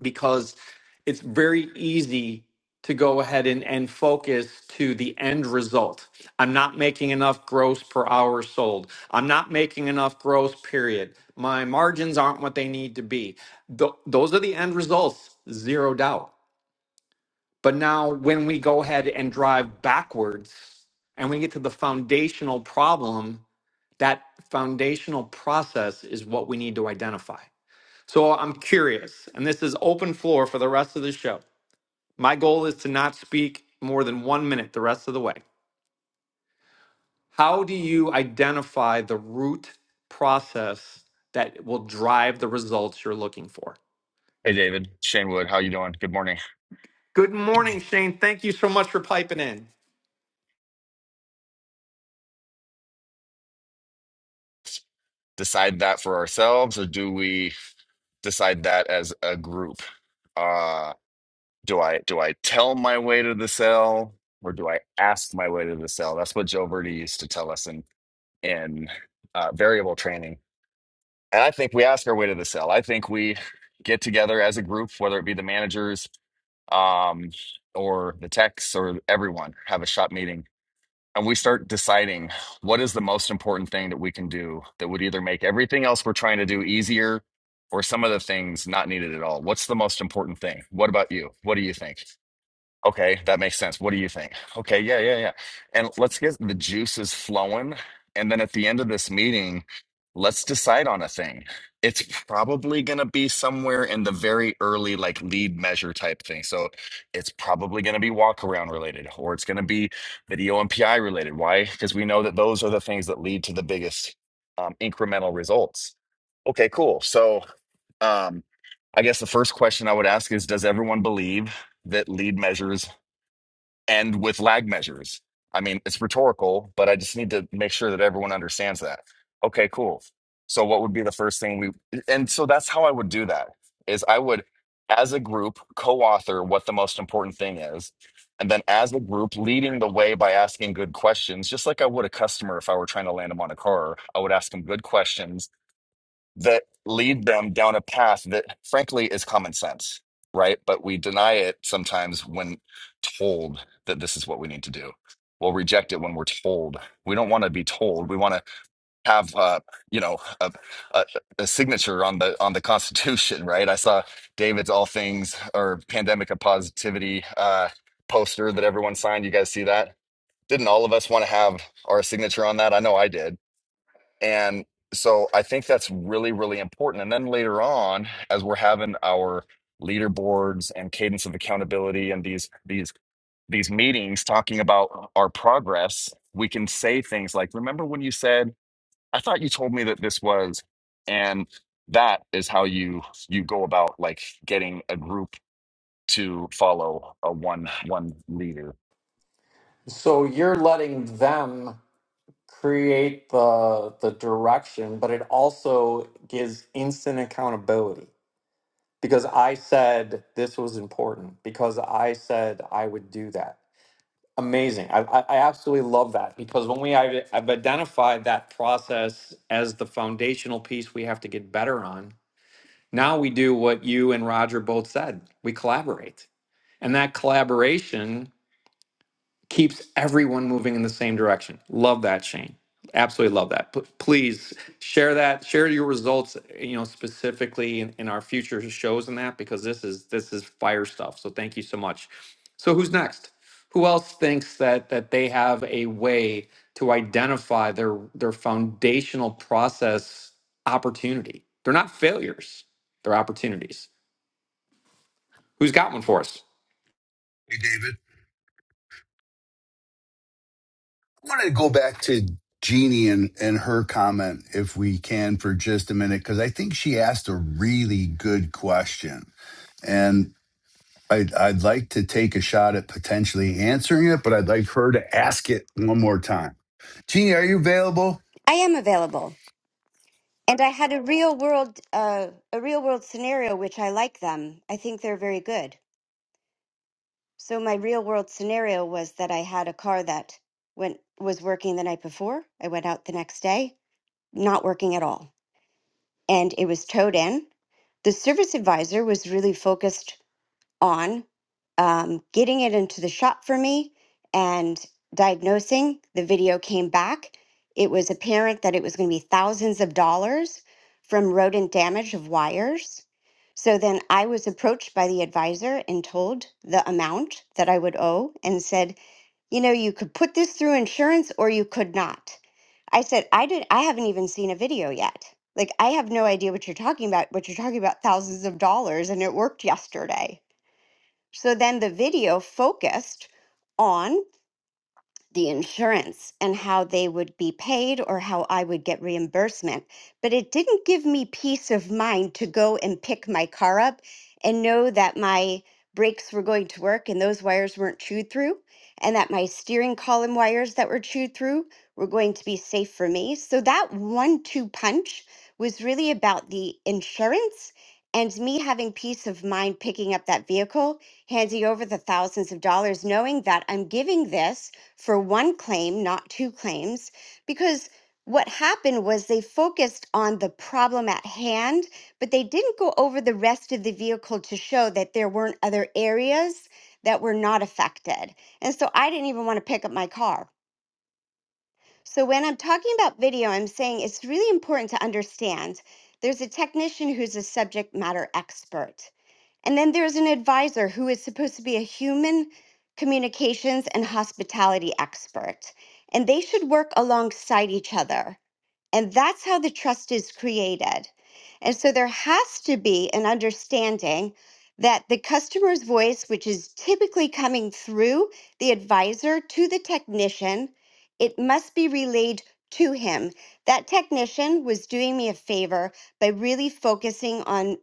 because it's very easy to go ahead and, and focus to the end result. I'm not making enough gross per hour sold. I'm not making enough gross, period. My margins aren't what they need to be. Th- those are the end results, zero doubt. But now, when we go ahead and drive backwards and we get to the foundational problem, that foundational process is what we need to identify. So, I'm curious, and this is open floor for the rest of the show. My goal is to not speak more than one minute the rest of the way. How do you identify the root process that will drive the results you're looking for? Hey David, Shane Wood, how you doing? Good morning. Good morning, Shane. Thank you so much for piping in. Decide that for ourselves, or do we decide that as a group? Uh, do I do I tell my way to the cell, or do I ask my way to the cell? That's what Joe Verde used to tell us in in uh, variable training. And I think we ask our way to the cell. I think we get together as a group, whether it be the managers, um, or the techs, or everyone, have a shop meeting and we start deciding what is the most important thing that we can do that would either make everything else we're trying to do easier or some of the things not needed at all. What's the most important thing? What about you? What do you think? Okay, that makes sense. What do you think? Okay, yeah, yeah, yeah. And let's get the juices flowing. And then at the end of this meeting, let's decide on a thing. It's probably going to be somewhere in the very early, like lead measure type thing. So it's probably going to be walk around related, or it's going to be video MPI related. Why? Because we know that those are the things that lead to the biggest um, incremental results. Okay, cool. So um, I guess the first question I would ask is Does everyone believe? that lead measures end with lag measures. I mean, it's rhetorical, but I just need to make sure that everyone understands that. Okay, cool. So what would be the first thing we and so that's how I would do that is I would as a group co-author what the most important thing is and then as a group leading the way by asking good questions just like I would a customer if I were trying to land them on a car I would ask them good questions that lead them down a path that frankly is common sense, right? But we deny it sometimes when told that this is what we need to do. We'll reject it when we're told. We don't want to be told. We want to have, uh, you know, a, a, a signature on the on the (laughs) Constitution, right? I saw David's All Things or Pandemic of Positivity uh, poster that everyone signed. You guys see that? Didn't all of us want to have our signature on that? I know I did and so I think that's really, really important. And then later on, as we're having our leaderboards and cadence of accountability and these these these meetings talking about our progress, we can say things like, remember when you said, I thought you told me that this was, and that is how you you go about like getting a group to follow a one one leader. So, you're letting them create the the direction, but it also gives instant accountability because I said this was important because I said I would do that. Amazing. I, I I absolutely love that because when we I've, I've identified that process as the foundational piece we have to get better on, now we do what you and Roger both said. We collaborate. And that collaboration keeps everyone moving in the same direction. Love that, Shane. Absolutely love that. P- please share that. Share your results. You know, specifically in, in our future shows and that because this is this is fire stuff. So thank you so much. So who's next? Who else thinks that that they have a way to identify their their foundational process opportunity? They're not failures. They're opportunities. Who's got one for us? Hey, David. I wanted to go back to Jeannie and, and her comment, if we can, for just a minute, because I think she asked a really good question. And I'd, I'd like to take a shot at potentially answering it, but I'd like her to ask it one more time. Jeannie, are you available? I am available. And I had a real world, uh, a real world scenario, which I like them. I think they're very good. So my real world scenario was that I had a car that went was working the night before. I went out the next day, not working at all, and it was towed in. The service advisor was really focused on um, getting it into the shop for me and diagnosing. The video came back. It was apparent that it was going to be thousands of dollars from rodent damage of wires. So then I was approached by the advisor and told the amount that I would owe and said, you know, you could put this through insurance or you could not. I said, I did I haven't even seen a video yet. Like I have no idea what you're talking about, but you're talking about thousands of dollars and it worked yesterday. So then the video focused on the insurance and how they would be paid or how I would get reimbursement. But it didn't give me peace of mind to go and pick my car up and know that my brakes were going to work and those wires weren't chewed through, and that my steering column wires that were chewed through were going to be safe for me. So that one two punch was really about the insurance. And me having peace of mind picking up that vehicle, handing over the thousands of dollars, knowing that I'm giving this for one claim, not two claims, because what happened was they focused on the problem at hand, but they didn't go over the rest of the vehicle to show that there weren't other areas that were not affected. And so I didn't even want to pick up my car. So when I'm talking about video, I'm saying it's really important to understand there's a technician who's a subject matter expert. And then there's an advisor who is supposed to be a human communications and hospitality expert. And they should work alongside each other. And that's how the trust is created. And so there has to be an understanding that the customer's voice, which is typically coming through the advisor to the technician, it must be relayed to him. That technician was doing me a favor by really focusing on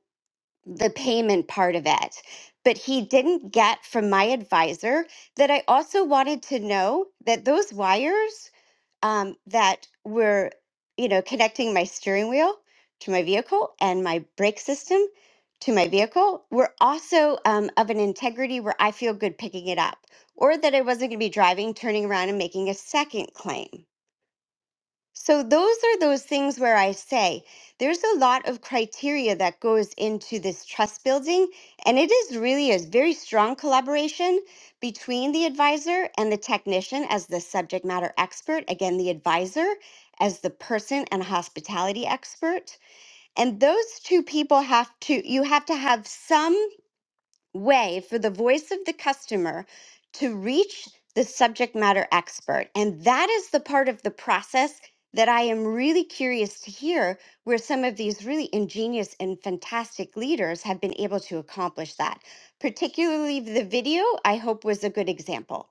the payment part of it. But he didn't get from my advisor that I also wanted to know that those wires um, that were, you know, connecting my steering wheel to my vehicle and my brake system to my vehicle were also um, of an integrity where I feel good picking it up, or that I wasn't going to be driving, turning around, and making a second claim. So those are those things where I say there's a lot of criteria that goes into this trust building and it is really a very strong collaboration between the advisor and the technician as the subject matter expert, again the advisor as the person and hospitality expert. And those two people have to you have to have some way for the voice of the customer to reach the subject matter expert. And that is the part of the process that I am really curious to hear where some of these really ingenious and fantastic leaders have been able to accomplish that. Particularly the video, I hope was a good example.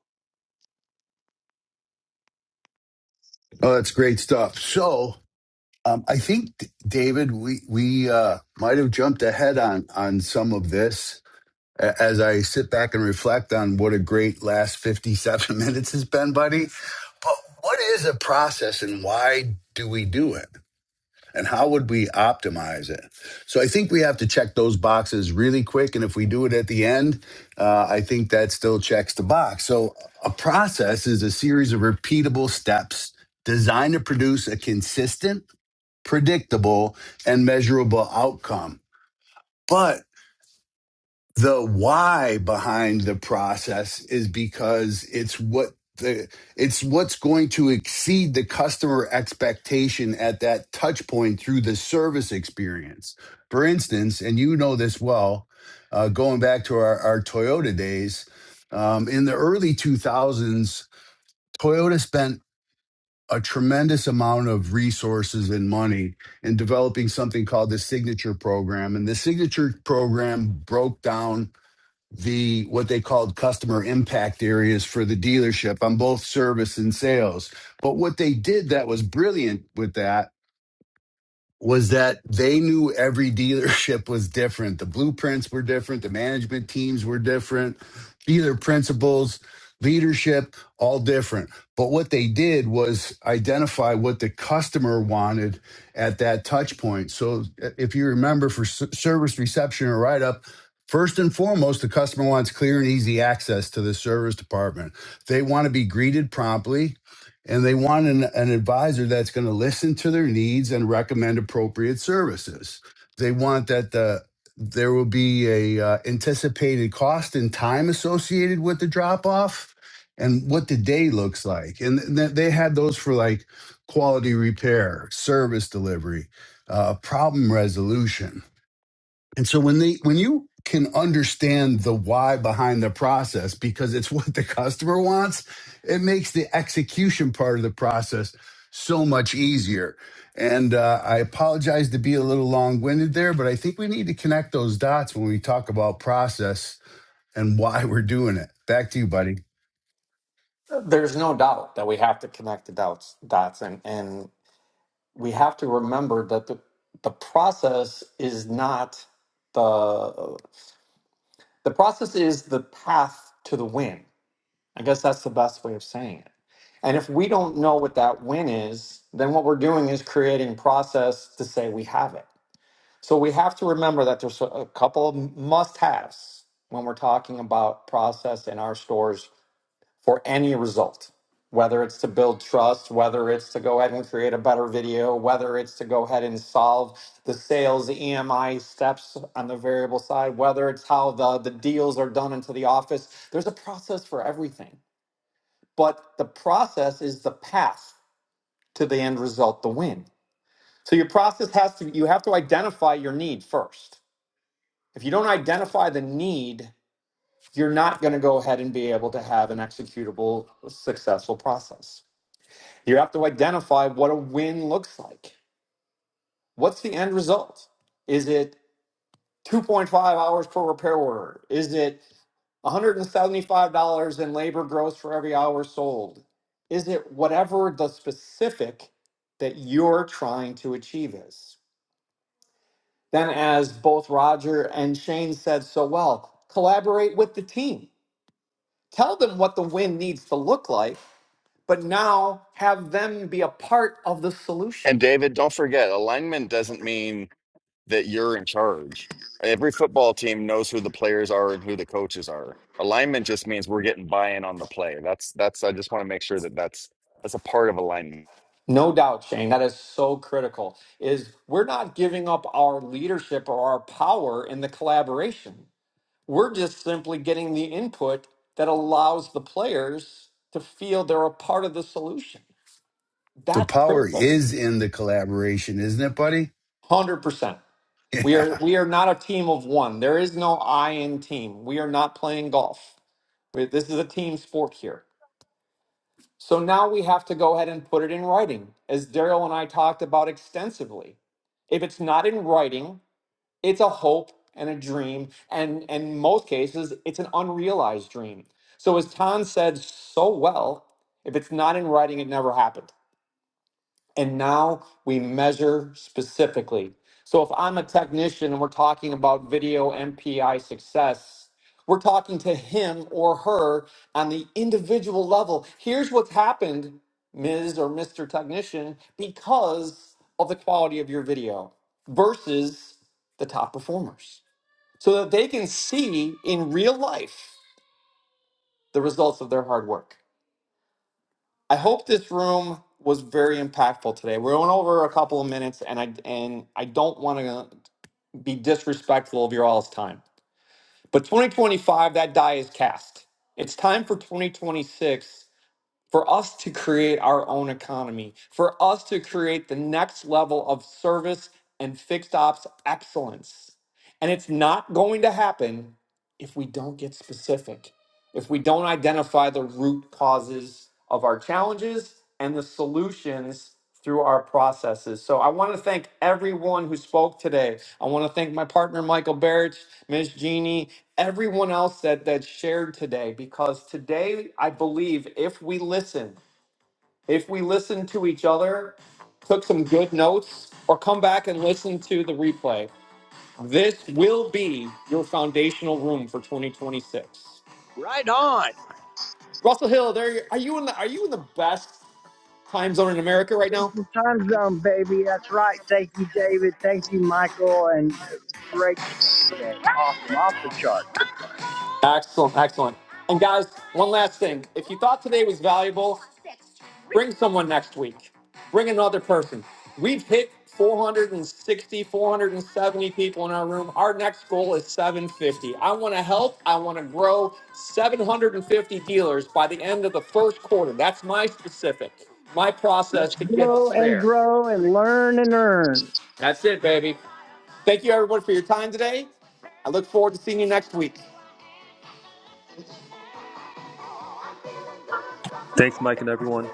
Oh, that's great stuff. So Um, I think, David, we we uh, might have jumped ahead on on some of this A- as I sit back and reflect on what a great last fifty seven (laughs) minutes has been, buddy. But what is a process, and why do we do it, and how would we optimize it? So I think we have to check those boxes really quick, and if we do it at the end, uh, I think that still checks the box. So a process is a series of repeatable steps designed to produce a consistent predictable, and measurable outcome. But the why behind the process is because it's what the it's what's going to exceed the customer expectation at that touch point through the service experience. For instance, and you know this well, uh, going back to our, our Toyota days, um, in the early 2000s, Toyota spent a tremendous amount of resources and money in developing something called the signature program and the signature program broke down the what they called customer impact areas for the dealership on both service and sales but what they did that was brilliant with that was that they knew every dealership was different. The blueprints were different. The management teams were different. Dealer principals, leadership, all different. But what they did was identify what the customer wanted at that touch point. So uh, if you remember for s- service reception or write up, First and foremost, the customer wants clear and easy access to the service department. They want to be greeted promptly and they want an, an advisor that's going to listen to their needs and recommend appropriate services. They want that the there will be a uh, anticipated cost and time associated with the drop off and what the day looks like. And th- they had those for like quality repair, service delivery, uh, problem resolution and so when they when you can understand the why behind the process because it's (laughs) what the customer wants, it makes the execution part of the process so much easier. And uh, I apologize to be a little long winded there, but I think we need to connect those dots when we talk about process and why (laughs) we're doing it. Back to you, buddy. There's no doubt that we have to connect the dots dots and and we have to remember that the, the process is not the the process is the path to the win. I guess that's the best way of saying it. And if we don't know what that win is, then what we're doing is creating process to say we have it. So we have to remember that there's a a couple of must-haves when we're talking about process in our stores for any result, whether it's to build trust, whether it's to go ahead and create a better video, whether it's to go ahead and solve the sales EMI steps on the variable side, whether it's how the, the deals are done into the office. There's a process for everything, but the process is the path to the end result, the win. So your process has to, you have to identify your need first. If you don't identify the need, you're not going to go ahead and be able to have an executable, successful process. You have to identify what a win looks like. What's the end result? Is it 2.5 hours per repair order? Is it $175 in labor gross for every hour sold? Is it whatever the specific that you're trying to achieve is? Then, as both Roger and Shane said so well, collaborate with the team. Tell them what the win needs to look like, but now have them be a part of the solution And David, don't forget, alignment doesn't mean that you're in charge. Every football team knows who the players are and who the coaches are. Alignment just means we're getting buy-in on the play. That's that's I just want to make sure that that's that's a part of alignment. No doubt, Shane, that is so critical. Is we're not giving up our leadership or our power in the collaboration. We're just simply getting the input that allows the players to feel they're a part of the solution. The That's power critical. is in the collaboration, isn't it, buddy? 100%. (laughs) We Yeah. are we are not a team of one. There is no I in team. We are not playing golf. We- This is a team sport here. So now we have to go ahead and put it in writing, as Daryl and I talked about extensively. If it's not in writing, it's a hope and a dream and and in most cases it's an unrealized dream so as tan said so well if it's not in writing it never happened and now we measure specifically so if i'm a technician and we're talking about video mpi success we're talking to him or her on the individual level here's what's happened ms or mr technician because of the quality of your video versus the top performers so that they can see in real life the results of their hard work. I hope this room was very impactful today. We're going over a couple of minutes, and I and I don't want to be disrespectful of your all's time. But 2025, that die is cast. It's time for 2026 for us to create our own economy, for us to create the next level of service and fixed ops excellence. And it's not going to happen if we don't get specific If we don't identify the root causes of our challenges and the solutions through our processes. So I want to thank everyone who spoke today. I want to thank my partner Michael Barrich, Ms. Jeannie, everyone else that that shared today because today I believe if we listen, if we listen to each other, took some good notes or come back and listen to the replay, this will be your foundational room for 2026. Right on. Russell Hill, there you, are you in the are you in the best time zone in America right now? Central Time Zone, baby. That's right. Thank you, David. Thank you, Michael. And uh, great stuff today. Awesome. Off the chart. Excellent, excellent. And guys, one last thing. If you thought today was valuable, bring someone next week. Bring another person. We've hit 460, 470 people in our room. Our next goal is 750. I want to help. I want to grow 750 dealers by the end of the first quarter. That's my specific, my process Let's to get grow us and there. grow and learn and earn. That's it, baby. Thank you, everyone, for your time today. I look forward to seeing you next week. Thanks, Mike, and everyone.